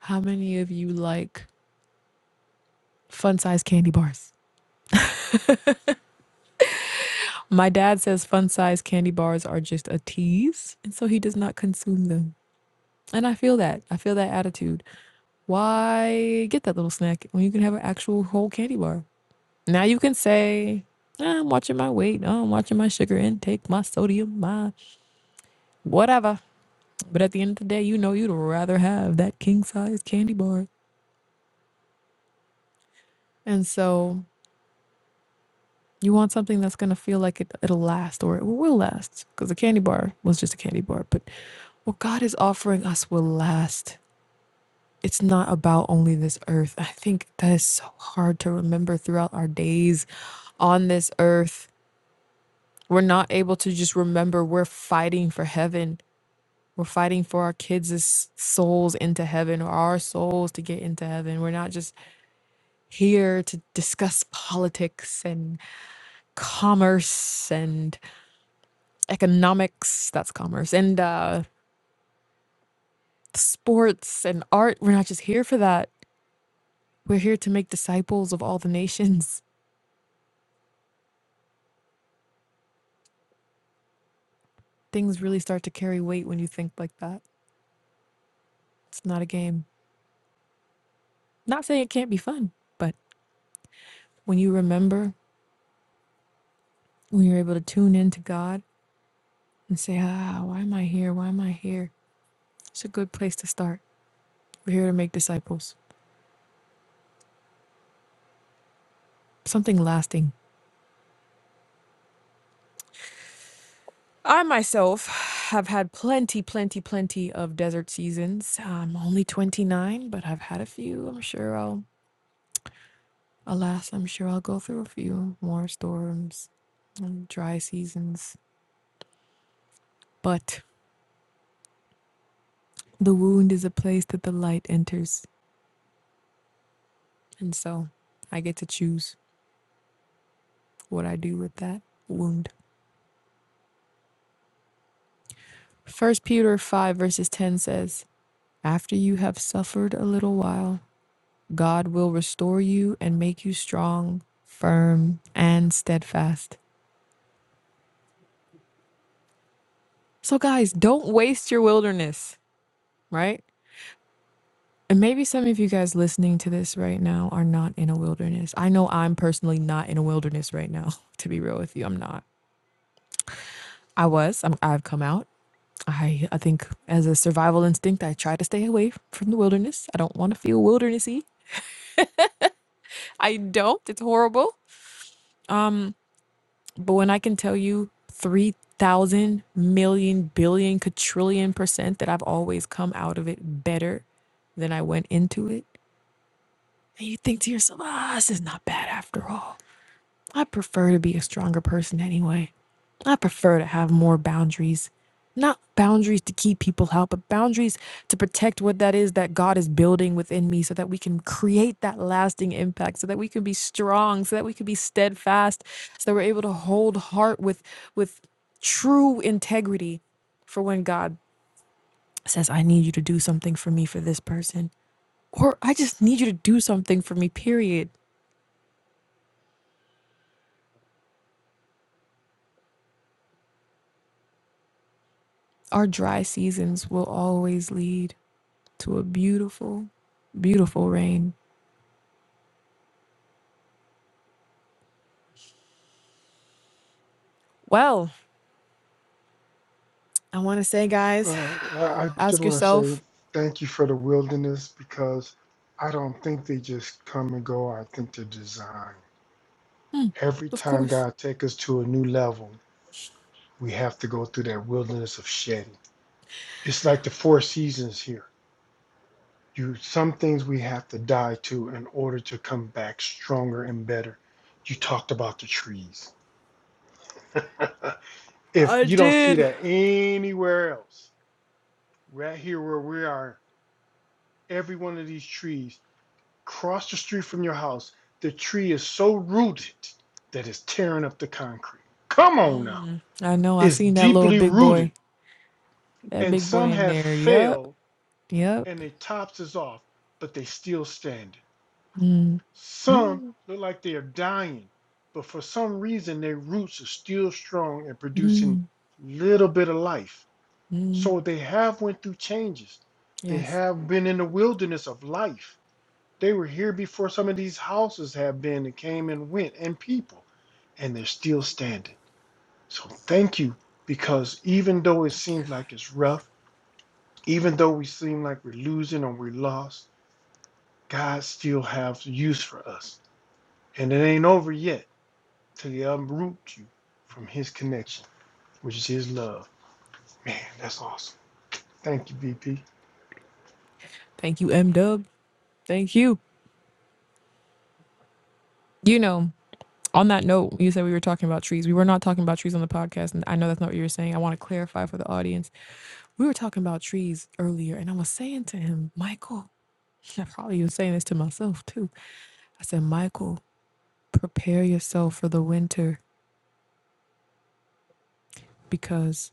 Speaker 1: How many of you like fun sized candy bars? My dad says fun size candy bars are just a tease, and so he does not consume them. And I feel that. I feel that attitude. Why get that little snack when you can have an actual whole candy bar? Now you can say, "Ah, I'm watching my weight, oh, I'm watching my sugar intake, my sodium, my whatever. But at the end of the day, you know you'd rather have that king size candy bar. And so you want something that's going to feel like it, it'll last or it will last because the candy bar was just a candy bar. But what God is offering us will last. it's not about only this earth. I think that is so hard to remember throughout our days on this earth. We're not able to just remember we're fighting for heaven. We're fighting for our kids' souls into heaven or our souls to get into heaven. We're not just here to discuss politics and commerce and economics. That's commerce. And uh, sports and art. We're not just here for that. We're here to make disciples of all the nations things really start to carry weight when you think like that. It's not a game. Not saying it can't be fun, but when you remember, when you're able to tune in to God and say, ah, why am I here? Why am I here? It's a good place to start. We're here to make disciples, something lasting. I myself have had plenty, plenty, plenty of desert seasons. I'm only 29, but I've had a few. I'm sure I'll, alas, I'm sure I'll go through a few more storms and dry seasons. But The wound is a place that the light enters, and so I get to choose what I do with that wound. First Peter 5, verses 10 says, After you have suffered a little while, God will restore you and make you strong, firm, and steadfast. So, guys, don't waste your wilderness, right? And maybe some of you guys listening to this right now are not in a wilderness. I know I'm personally not in a wilderness right now, to be real with you. I'm not. I was, I'm, I've come out. I I think as a survival instinct, I try to stay away from the wilderness. I don't want to feel wildernessy. I don't. It's horrible. But when I can tell you three thousand million billion quadrillion percent that I've always come out of it better than I went into it, and you think to yourself, ah, this is not bad after all. I prefer to be a stronger person anyway. I prefer to have more boundaries. Not boundaries to keep people out, but boundaries to protect what that is that God is building within me so that we can create that lasting impact, so that we can be strong, so that we can be steadfast, so that we're able to hold heart with with true integrity for when God says, I need you to do something for me for this person. Or I just need you to do something for me, period. Our dry seasons will always lead to a beautiful, beautiful rain. Well, I want to say, guys,
Speaker 2: i I
Speaker 1: ask
Speaker 2: just want to say
Speaker 1: yourself,
Speaker 2: thank you for the wilderness because i don't think they just come and go i think they're designed every
Speaker 1: of
Speaker 2: time
Speaker 1: course,
Speaker 2: god takes us to a new level we have to go through that wilderness of shedding. It's like the four seasons here. You some things we have to die to in order to come back stronger and better. You talked about the trees. if
Speaker 1: I
Speaker 2: you don't see
Speaker 1: did.
Speaker 2: that anywhere else, right here where we are, every one of these trees, cross the street from your house, the tree is so rooted that it's tearing up the concrete. Come on now.
Speaker 1: I know, I
Speaker 2: It's
Speaker 1: seen that little
Speaker 2: deeply
Speaker 1: big boy,
Speaker 2: rooted,
Speaker 1: that
Speaker 2: and
Speaker 1: big boy
Speaker 2: some
Speaker 1: in
Speaker 2: have
Speaker 1: there. Yup,
Speaker 2: failed
Speaker 1: yup.
Speaker 2: and their tops is off, but they still standing.
Speaker 1: Mm,
Speaker 2: Some
Speaker 1: mm,
Speaker 2: look like they are dying, but for some reason their roots are still strong and producing
Speaker 1: mm,
Speaker 2: little bit of life.
Speaker 1: mm.
Speaker 2: So they have went through changes. They
Speaker 1: Yes.
Speaker 2: have been in the wilderness of life. They were here before some of these houses have been and came and went and people, and they're still standing. So thank you because even though it
Speaker 1: Thank you,
Speaker 2: seems
Speaker 1: God.
Speaker 2: like it's rough, even though we seem like we're losing or we're lost, God still has use for us. And it ain't over yet till he unroot you from his connection, which is his love. Man, that's awesome. Thank you, BP.
Speaker 1: Thank you, M Dub. Thank you. You know, on that note, you said we were talking about trees. We were not talking about trees on the podcast, and I know that's not what you were saying. I want to clarify for the audience. We were talking about trees earlier, and I was saying to him, Michael. I probably was saying this to myself too. I said, Michael, prepare yourself for the winter because,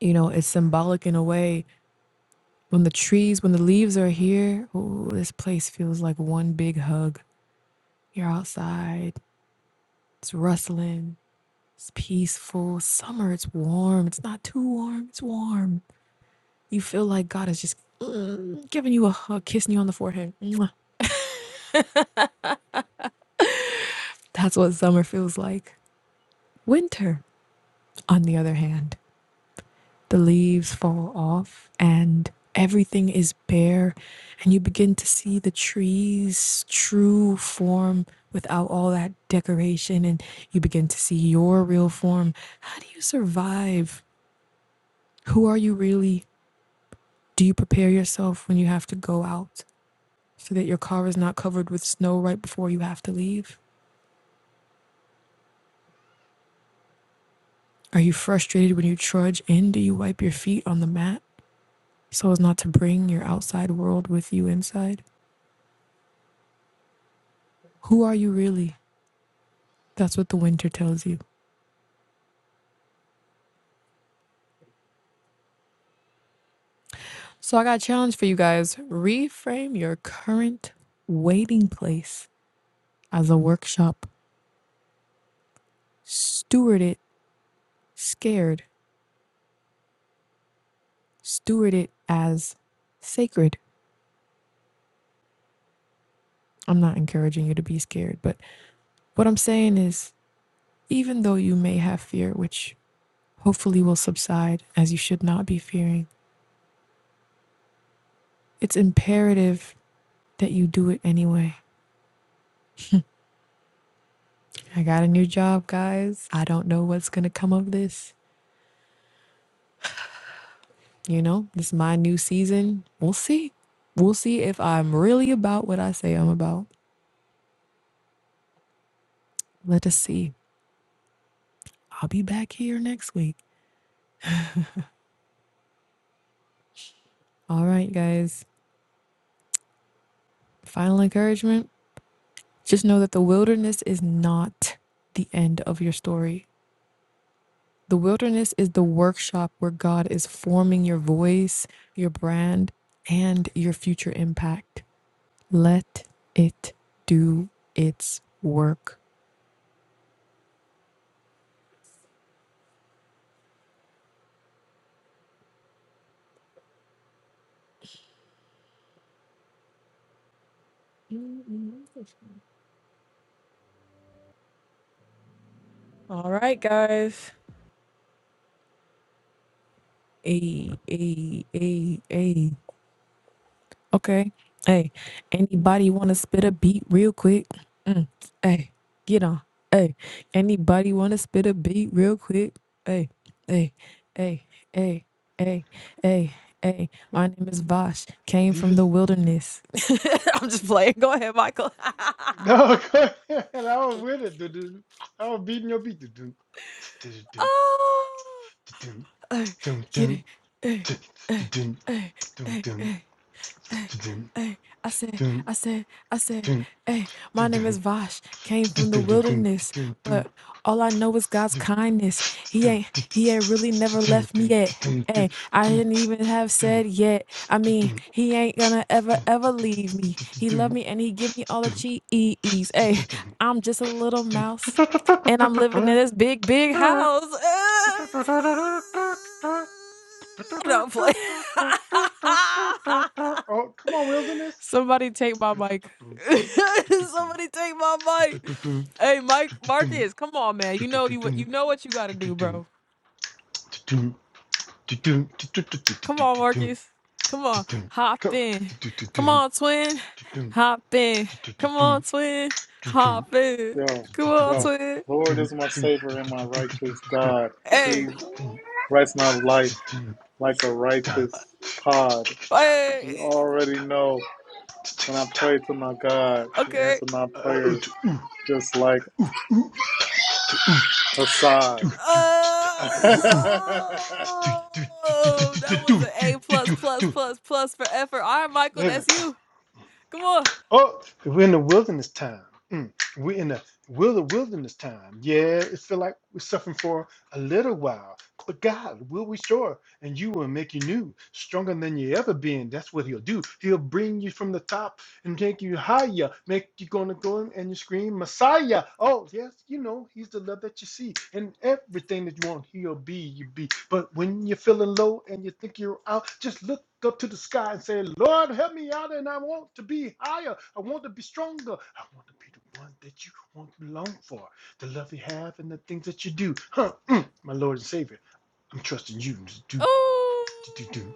Speaker 1: you know, it's symbolic in a way. When the trees, when the leaves are here, ooh, this place feels like one big hug. You're outside, it's rustling, it's peaceful. Summer, it's warm. It's not too warm, it's warm. You feel like God is just mm, giving you a hug, kissing you on the forehead. Mwah. That's what summer feels like. Winter, on the other hand. the leaves fall off and everything is bare and you begin to see the trees true form without all that decoration and you begin to see your real form how do you survive who are you really do you prepare yourself when you have to go out so that your car is not covered with snow right before you have to leave are you frustrated when you trudge in do you wipe your feet on the mat so as not to bring your outside world with you inside who are you really That's what the winter tells you. So I got a challenge for you guys. Reframe your current waiting place as a workshop. Steward it scared. Steward it as sacred. I'm not encouraging you to be scared, but what I'm saying is even though you may have fear, which hopefully will subside as you should not be fearing, it's imperative that you do it anyway. I got a new job, guys. I don't know what's going to come of this. You know, this is my new season. We'll see. We'll see if I'm really about what I say I'm about. Let us see. I'll be back here next week. All right, guys. Final encouragement just know that the wilderness is not the end of your story. The wilderness is the workshop where God is forming your voice, your brand, and your future impact. Let it do its work. All right, guys. Hey, hey, hey, hey. Okay. Hey, anybody want to spit a beat real quick? Mm. Hey, get on. Hey, anybody want to spit a beat real quick? Hey, hey, hey, hey, hey, hey, hey. My name is Vosh. Came from
Speaker 2: DV
Speaker 1: the wilderness. I'm just playing. Go ahead, Michael.
Speaker 2: No, go ahead. I was with it. doo-doo. I was beating your beat. doo-doo. Doo-doo,
Speaker 1: oh,
Speaker 2: doo-doo,
Speaker 1: hey,
Speaker 2: doo-doo,
Speaker 1: get it. Hey, hey,
Speaker 2: doo-doo,
Speaker 1: hey, hey, hey, hey. hey. Hey, I said, I said, I said, hey, my name is Vosh, came from the wilderness, but all I know is God's kindness. He ain't, he ain't really never left me
Speaker 2: doo-doo, doo-doo,
Speaker 1: yet. Hey, I
Speaker 2: doo-doo,
Speaker 1: didn't even have
Speaker 2: doo-doo,
Speaker 1: said yet. I mean,
Speaker 2: doo-doo.
Speaker 1: he ain't gonna ever, ever leave me. He love me and he give me all the cheese. Hey, I'm just a little mouse and I'm living in this big, big house. Don't play.
Speaker 2: Oh, come on, wilderness.
Speaker 1: Somebody take my mic. Somebody take my mic. Hey, Mike Marcus, come on, man. You know you what- you know what you gotta do, bro. Come on, Marcus. Come on, hop
Speaker 2: Go.
Speaker 1: in. Come on, twin. Hop in. Come on, twin. Hop in.
Speaker 3: yo,
Speaker 1: Come on,
Speaker 3: yo.
Speaker 1: twin.
Speaker 3: Lord is my savior and my righteous God.
Speaker 1: Hey,
Speaker 3: He
Speaker 2: Yeah.
Speaker 3: writes my life. like a righteous pod.
Speaker 1: hey.
Speaker 3: You already know when I pray to my God, He
Speaker 1: Okay.
Speaker 3: answers my prayers just like Assad. I
Speaker 1: Oh, that was an A plus plus plus plus for effort. All right, Michael, that's you. Come on.
Speaker 2: Oh, we're in the wilderness time. Mm. We're in the wilder wilderness time. Yeah, it feel like we're suffering for a little while. But God will restore, and you will make you new, stronger than you ever been. That's what He'll do. He'll bring you from the top and take you higher. Make you gonna go in and you scream Messiah. Oh yes, you know he's the love that you see, and everything that you want, he'll be you be. But when you're feeling low and you think you're out, just look up to the sky and say, Lord, help me out, and I want to be higher. I want to be stronger. I want to be the one that you want to long for, the love you have, and the things that you do. Huh? mm, my Lord and Savior, I'm trusting you to do,
Speaker 1: Oh,
Speaker 2: to do, do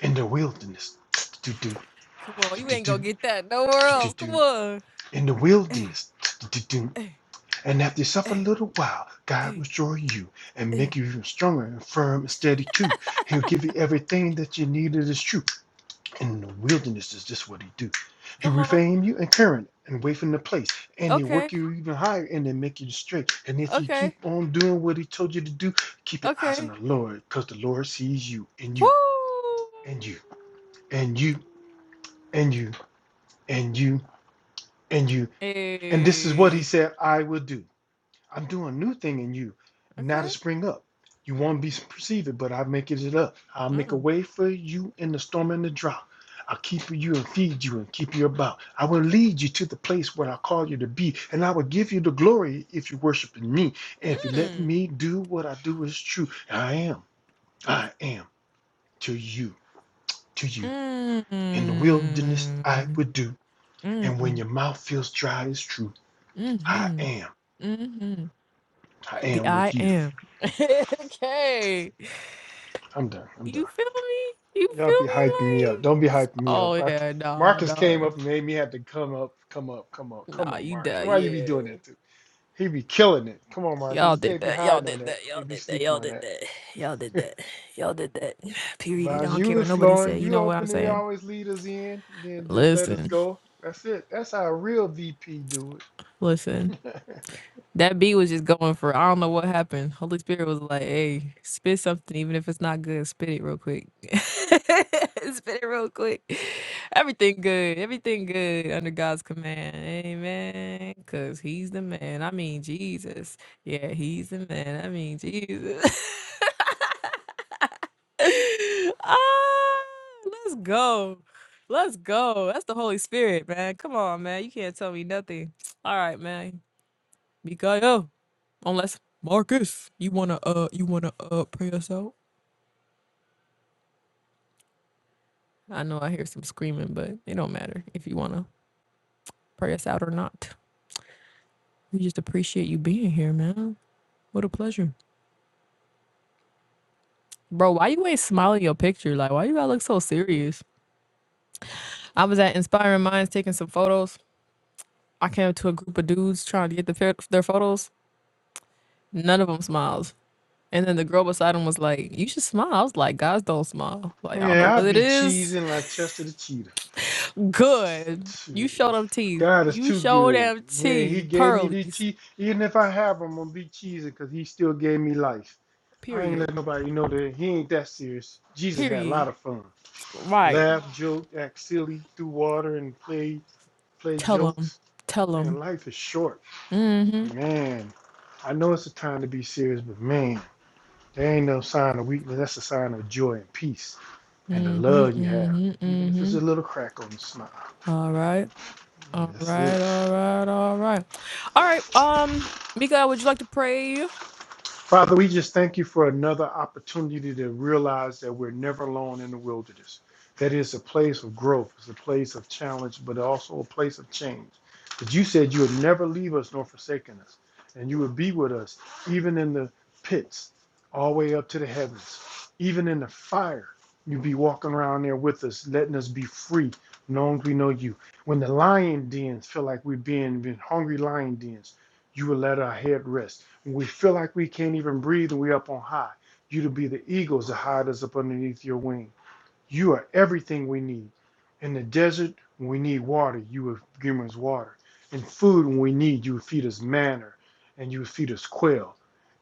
Speaker 2: in the wilderness. To do,
Speaker 1: Come on,
Speaker 2: to
Speaker 1: you ain't
Speaker 2: do,
Speaker 1: gonna get that nowhere
Speaker 2: to do, to
Speaker 1: else. Come
Speaker 2: do
Speaker 1: on.
Speaker 2: in the
Speaker 1: hey,
Speaker 2: wilderness.
Speaker 1: hey,
Speaker 2: And after you suffer a
Speaker 1: hey,
Speaker 2: little while, God will
Speaker 1: hey,
Speaker 2: destroy you and make
Speaker 1: hey!
Speaker 2: you even stronger and firm and steady too. He'll give you everything that you need that is true. In the wilderness is just what he do. He
Speaker 1: Come on.
Speaker 2: reframe you and current and wait from the place. And he
Speaker 1: Okay.
Speaker 2: work you even higher and then make you straight. And if you keep
Speaker 1: Okay.
Speaker 2: on doing what he told you to do, keep your eyes on
Speaker 1: Okay.
Speaker 2: the Lord, because the Lord sees you and
Speaker 1: Woo.
Speaker 2: you and you and you and you and you and you. And this is what he
Speaker 1: Hey.
Speaker 2: said I will do. I'm doing a new thing in you, now to
Speaker 1: Okay.
Speaker 2: spring up. You won't be perceived, but I make it up. I'll make a
Speaker 1: Mm.
Speaker 2: way for you in the storm and the drought. I'll keep you and feed you and keep you about. I will lead you to the place where I call you to be, and I will give you the glory if you worship in me. And if you let
Speaker 1: Mm.
Speaker 2: me do what I do is true, I am, I am to you, to you. In the wilderness I
Speaker 1: Mm.
Speaker 2: would do, and when
Speaker 1: Mm.
Speaker 2: your mouth feels dry, it's true. I
Speaker 1: Mm-hmm.
Speaker 2: am,
Speaker 1: Mm-hmm.
Speaker 2: I
Speaker 1: The
Speaker 2: am
Speaker 1: I
Speaker 2: with you.
Speaker 1: am. okay.
Speaker 2: I'm done. I'm done.
Speaker 1: You feel me? You
Speaker 2: Y'all
Speaker 1: feel
Speaker 2: be
Speaker 1: me?
Speaker 2: hyping me up.
Speaker 1: Like,
Speaker 2: Don't be hyping me
Speaker 1: oh
Speaker 2: up. I c
Speaker 1: yeah, nah,
Speaker 2: Marcus
Speaker 1: nah,
Speaker 2: came up and made me have to come up, come up, come up. Come
Speaker 1: nah.
Speaker 2: on,
Speaker 1: You
Speaker 2: Marcus.
Speaker 1: did,
Speaker 2: Why you be doing
Speaker 1: yeah.
Speaker 2: that to? He be killing it. Come on, Marcus.
Speaker 1: Y'all
Speaker 2: You
Speaker 1: did
Speaker 2: can't be
Speaker 1: that. Y'all
Speaker 2: hiding on
Speaker 1: did
Speaker 2: that.
Speaker 1: that.
Speaker 2: You
Speaker 1: Y'all
Speaker 2: can't be
Speaker 1: did that.
Speaker 2: sleeping
Speaker 1: Y'all
Speaker 2: on
Speaker 1: did
Speaker 2: that.
Speaker 1: that. Y'all did that. Y'all did that. Period. I
Speaker 2: Vaz,
Speaker 1: don't
Speaker 2: you
Speaker 1: care what
Speaker 2: was
Speaker 1: nobody
Speaker 2: flowing.
Speaker 1: said. You
Speaker 2: You
Speaker 1: know what I'm
Speaker 2: open it,
Speaker 1: saying?
Speaker 2: always lead us in, then just let us
Speaker 1: Listen,
Speaker 2: go. That's it. That's how a real VP do
Speaker 1: listen.
Speaker 2: it.
Speaker 1: That beat was just going for I don't know what happened. Holy Spirit was like, "Hey, spit something, even if it's not good. Spit it real quick. spit it real quick. Everything good. Everything good under God's command. Amen. Cause He's the man. I mean Jesus. Yeah, He's the man. I mean Jesus. ah, let's go. Let's go. That's the Holy Spirit, man. Come on, man. You can't tell me nothing. All right, man. Mikael, unless Marcus, you wanna uh you wanna uh pray us out? I know I hear some screaming, but it don't matter if you wanna pray us out or not. We just appreciate you being here, man. What a pleasure. Bro, why you ain't smiling your picture? Like why you gotta look so serious? I was at Inspiring Minds taking some photos. I came to a group of dudes trying to get the, fair- their photos. None of them smiles. And then the girl beside him was like, "You should smile." I was like, "Guys don't smile. Like I don't know
Speaker 2: yeah, I
Speaker 1: what it
Speaker 2: be
Speaker 1: is.
Speaker 2: cheesing like Chester the
Speaker 1: Good. You show
Speaker 2: Cheers.
Speaker 1: them teeth.
Speaker 2: God is
Speaker 1: You
Speaker 2: too
Speaker 1: show
Speaker 2: good.
Speaker 1: them
Speaker 2: Yeah, He
Speaker 1: teeth.
Speaker 2: gave me these
Speaker 1: Pearlies.
Speaker 2: cheese. Even if I have them, I'm gonna be cheesing because He still gave me life. I ain't
Speaker 1: Period.
Speaker 2: let nobody know that He ain't that serious. Jesus had a
Speaker 1: Period.
Speaker 2: lot of fun.
Speaker 1: Right.
Speaker 2: Laugh, joke, act silly, threw water, and play play
Speaker 1: Tell them.
Speaker 2: jokes.
Speaker 1: Tell
Speaker 2: Man,
Speaker 1: them.
Speaker 2: life is short.
Speaker 1: Mm-hmm.
Speaker 2: Man, I know it's a time to be serious, but man, there ain't no sign of weakness. That's a sign of joy and peace and the
Speaker 1: Mm-hmm.
Speaker 2: love you have,
Speaker 1: Mm-hmm.
Speaker 2: even if it's a
Speaker 1: Mm-hmm.
Speaker 2: little crack on the smile.
Speaker 1: All right. All
Speaker 2: That's it.
Speaker 1: right. All right. All right. All right. Um, Mika, would you like to pray?
Speaker 2: Father, we just thank you for another opportunity to realize that we're never alone in the wilderness. That is a place of growth, it's a place of challenge, but also a place of change. But you said you would never leave us nor forsaken us, and you would be with us even in the pits, all the way up to the heavens, even in the fire. You'd be walking around there with us, letting us be free, long as we know you. When the lion dens feel like we're being in hungry lion dens, you will let our head rest. When we feel like we can't even breathe and we're up on high, you to be the eagles that hide us up underneath your wing. You are everything we need. In the desert, when we need water, you would give us water. And food, when we need, you would feed us manna and you would feed us quail.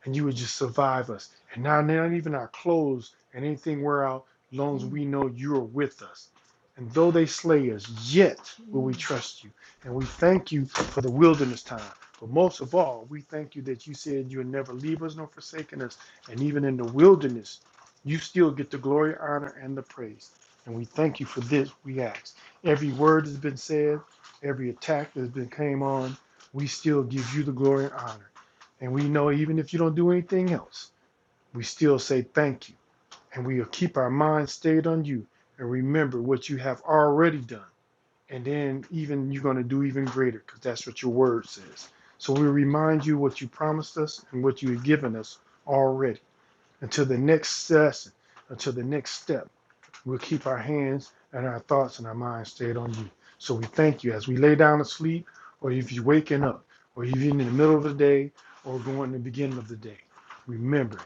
Speaker 2: And you would just survive us. And now, not even our clothes and anything wear out, as long as
Speaker 1: Mm,
Speaker 2: we know you are with us. And though they slay us, yet will we
Speaker 1: mm.
Speaker 2: trust you. And we thank you for the wilderness time. But most of all, we thank you that you said you would never leave us nor forsaken us. And even in the wilderness, you still get the glory, honor, and the praise. And we thank you for this, we ask. Every word that's been said, every attack that's been came on, we still give you the glory and honor. And we know even if you don't do anything else, we still say thank you. And we'll keep our minds stayed on you and remember what you have already done. And then even you're going to do even greater because that's what your word says. So we remind you what you promised us and what you have given us already until the next session, until the next step. We'll keep our hands and our thoughts and our minds stayed on you. So we thank you as we lay down to sleep, or if you're waking up, or even in the middle of the day, or going to the beginning of the day. Remember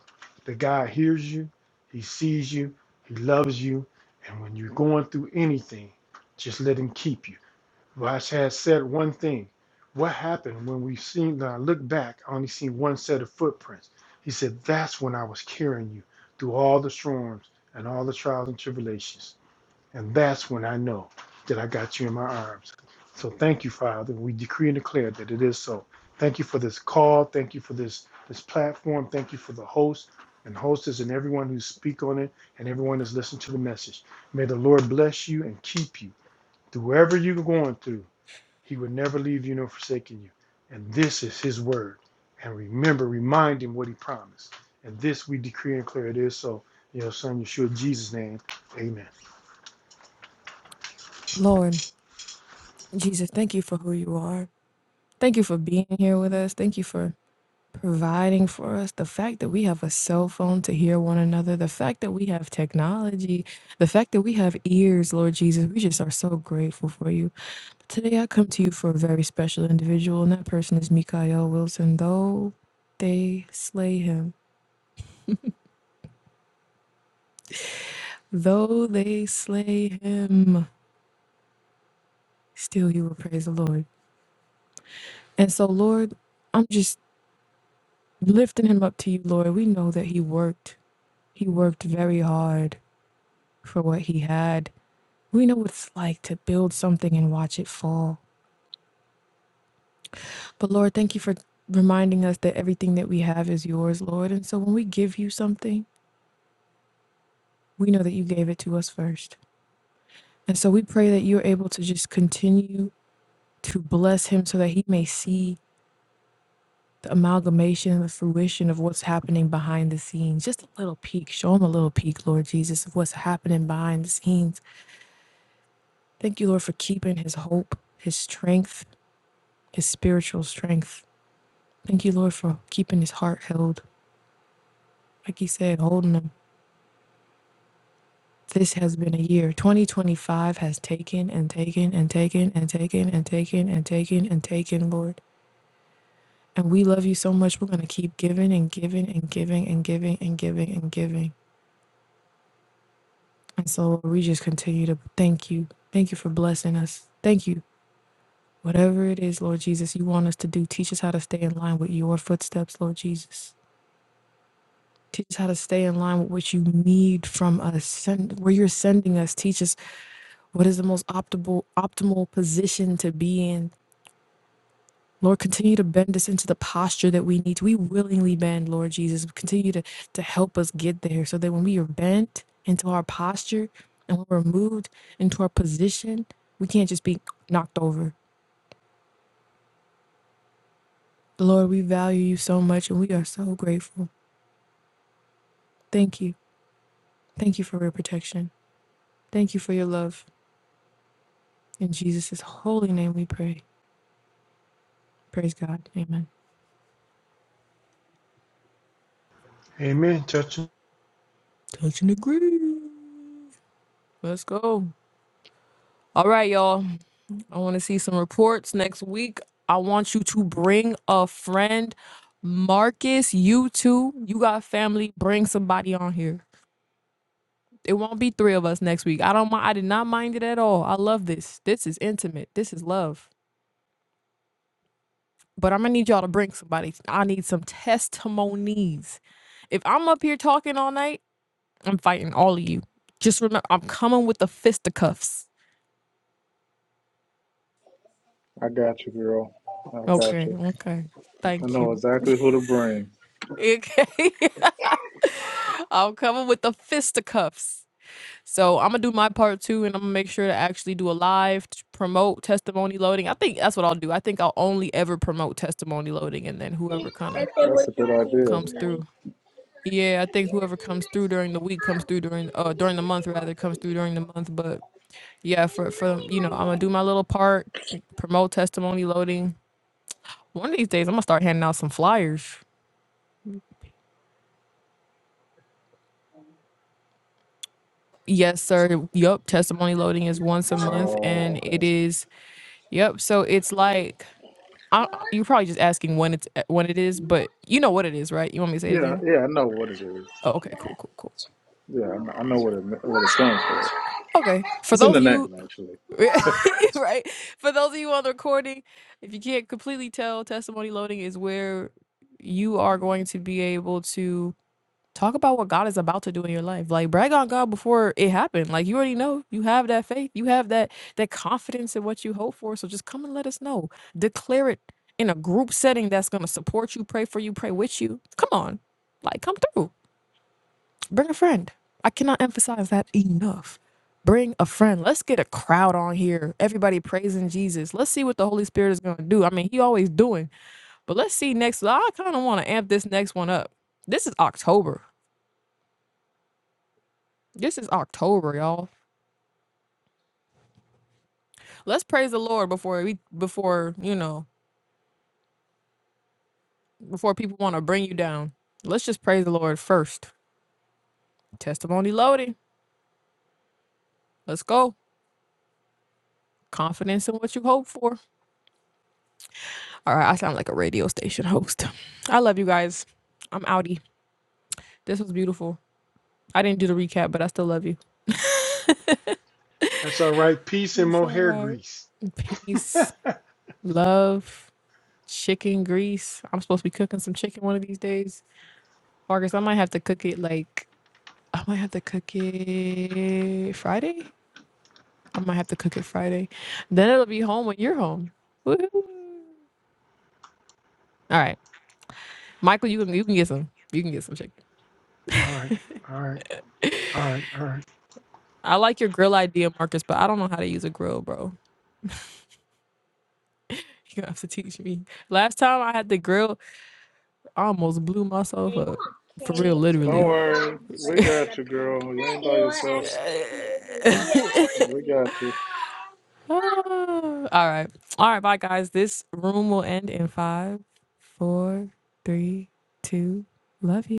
Speaker 2: the God hears you, He sees you, He loves you, and when you're going through anything, just let Him keep you. Rash has said one thing. What happened when we seen when I look back, I only seen one set of footprints. He said, That's when I was carrying you through all the storms and all the trials and tribulations. And that's when I know that I got you in my arms. So thank you, Father. We decree and declare that it is so. Thank you for this call. Thank you for this this platform. Thank you for the host and hostess and everyone who speak on it and everyone that's listening to the message. May the Lord bless you and keep you through whatever you're going through. He will never leave you nor forsake you. And this is his word. And remember, remind him what he promised. And this we decree and declare it is so. In your son Yeshua Jesus' name. Amen.
Speaker 1: Lord Jesus, thank you for who you are. Thank you for being here with us. Thank you for providing for us, the fact that we have a cell phone to hear one another, the fact that we have technology, the fact that we have ears, Lord Jesus, we just are so grateful for you. But Today I come to you for a very special individual, and that person is Mikael Wilson. Though they slay him, though they slay him, still you will praise the Lord. And so, Lord, I'm just lifting him up to you, Lord. We know that he worked, he worked very hard for what he had We know what it's like to build something and watch it fall. But Lord, thank you for reminding us that everything that we have is yours, Lord. And so when we give you something, we know that you gave it to us first. And so we pray that you're able to just continue to bless him so that he may see the amalgamation and the fruition of what's happening behind the scenes. Just a little peek. Show him a little peek, Lord Jesus, of what's happening behind the scenes. Thank you, Lord, for keeping his hope, his strength, his spiritual strength. Thank you, Lord, for keeping his heart held. Like he said, holding him. This has been a year. 2025 has taken and taken and taken and taken and taken and taken and taken, Lord. And we love you so much. We're going to keep giving and giving and giving and giving and giving and giving. And so we just continue to thank you. Thank you for blessing us. Thank you. Whatever it is, Lord Jesus, you want us to do, teach us how to stay in line with your footsteps, Lord Jesus. Teach us how to stay in line with what you need from us. Send where you're sending us. Teach us what is the most optimal optimal position to be in. Lord, continue to bend us into the posture that we need. We willingly bend, Lord Jesus. Continue to to help us get there, so that when we are bent into our posture and when we're moved into our position, we can't just be knocked over. Lord, we value you so much, and we are so grateful. Thank you. Thank you for your protection. Thank you for your love. In Jesus' holy name we pray. Praise God. Amen.
Speaker 2: Amen. Touch him.
Speaker 1: Touch and agree. Let's go. All right, y'all. I want to see some reports next week. I want you to bring a friend. Marcus, you too. You got family. Bring somebody on here. It won't be three of us next week. I don't mind. I did not mind it at all. I love this. This is intimate. This is love. But I'm gonna need y'all to bring somebody. I need some testimonies. If I'm up here talking all night, I'm fighting all of you. Just remember, I'm coming with the fisticuffs.
Speaker 3: got you, girl. I got
Speaker 1: Okay,
Speaker 3: you.
Speaker 1: okay.
Speaker 3: I
Speaker 1: Thank
Speaker 3: know
Speaker 1: you.
Speaker 3: exactly who to bring.
Speaker 1: Okay. I'm coming with the fisticuffs. So I'm gonna do my part too, and I'm gonna make sure to actually do a live to promote testimony loading. I think that's what I'll do. I think I'll only ever promote testimony loading, and then whoever kind of
Speaker 3: That's a good idea.
Speaker 1: comes through. Yeah, I think whoever comes through during the week comes through during uh during the month rather comes through during the month. But yeah, for for you know, I'm gonna do my little part, promote testimony loading. One of these days, I'm gonna start handing out some flyers. Yes, sir. Yup, testimony loading is once a month,
Speaker 3: Oh,
Speaker 1: and it
Speaker 3: okay.
Speaker 1: is. Yup. So it's like I, you're probably just asking when it's when it is, but you know what it is, right? You want me to say it
Speaker 3: Yeah,
Speaker 1: again?
Speaker 3: yeah, I know what it is.
Speaker 1: Oh, okay. Cool. Cool. Cool.
Speaker 3: Yeah, I know I know what it what it stands for.
Speaker 1: Okay. For
Speaker 3: It's in
Speaker 1: those
Speaker 3: the
Speaker 1: of you,
Speaker 3: name, actually.
Speaker 1: right? For those of you on the recording, if you can't completely tell, testimony loading is where you are going to be able to. Talk about what God is about to do in your life. Like brag on God before it happened. Like you already know. You have that faith. You have that that confidence in what you hope for. So just come and let us know. Declare it in a group setting that's going to support you, pray for you, pray with you. Come on. Like come through. Bring a friend. I cannot emphasize that enough. Bring a friend. Let's get a crowd on here. Everybody praising Jesus. Let's see what the Holy Spirit is going to do. I mean, he always doing. But let's see next. I kind of want to amp this next one up. This is October. This is October, y'all. Let's praise the Lord before we before, you know, before people want to bring you down. Let's just praise the Lord first. Testimony loading. Let's go. Confidence in what you hope for. All right, I sound like a radio station host. I love you guys. I'm outie. This was beautiful. I didn't do the recap, but I still love you.
Speaker 2: That's all right. Peace and
Speaker 1: It's all
Speaker 2: mohair
Speaker 1: right.
Speaker 2: grease.
Speaker 1: Peace, love, chicken grease. I'm supposed to be cooking some chicken one of these days. Marcus, I might have to cook it like I might have to cook it Friday. I might have to cook it Friday. Then it'll be home when you're home. Woohoo. All right. Michael, you can you can get some. You can get some chicken.
Speaker 2: All right. All right. All right. All right.
Speaker 1: I like your grill idea, Marcus, but I don't know how to use a grill, bro. You have to teach me. Last time I had the grill, I almost blew myself up. For real,
Speaker 3: Don't
Speaker 1: literally.
Speaker 3: worry. We got you, girl. You ain't by yourself. We got you.
Speaker 1: Ah, all right. All right, bye guys. This room will end in five, four, three, two. Love you.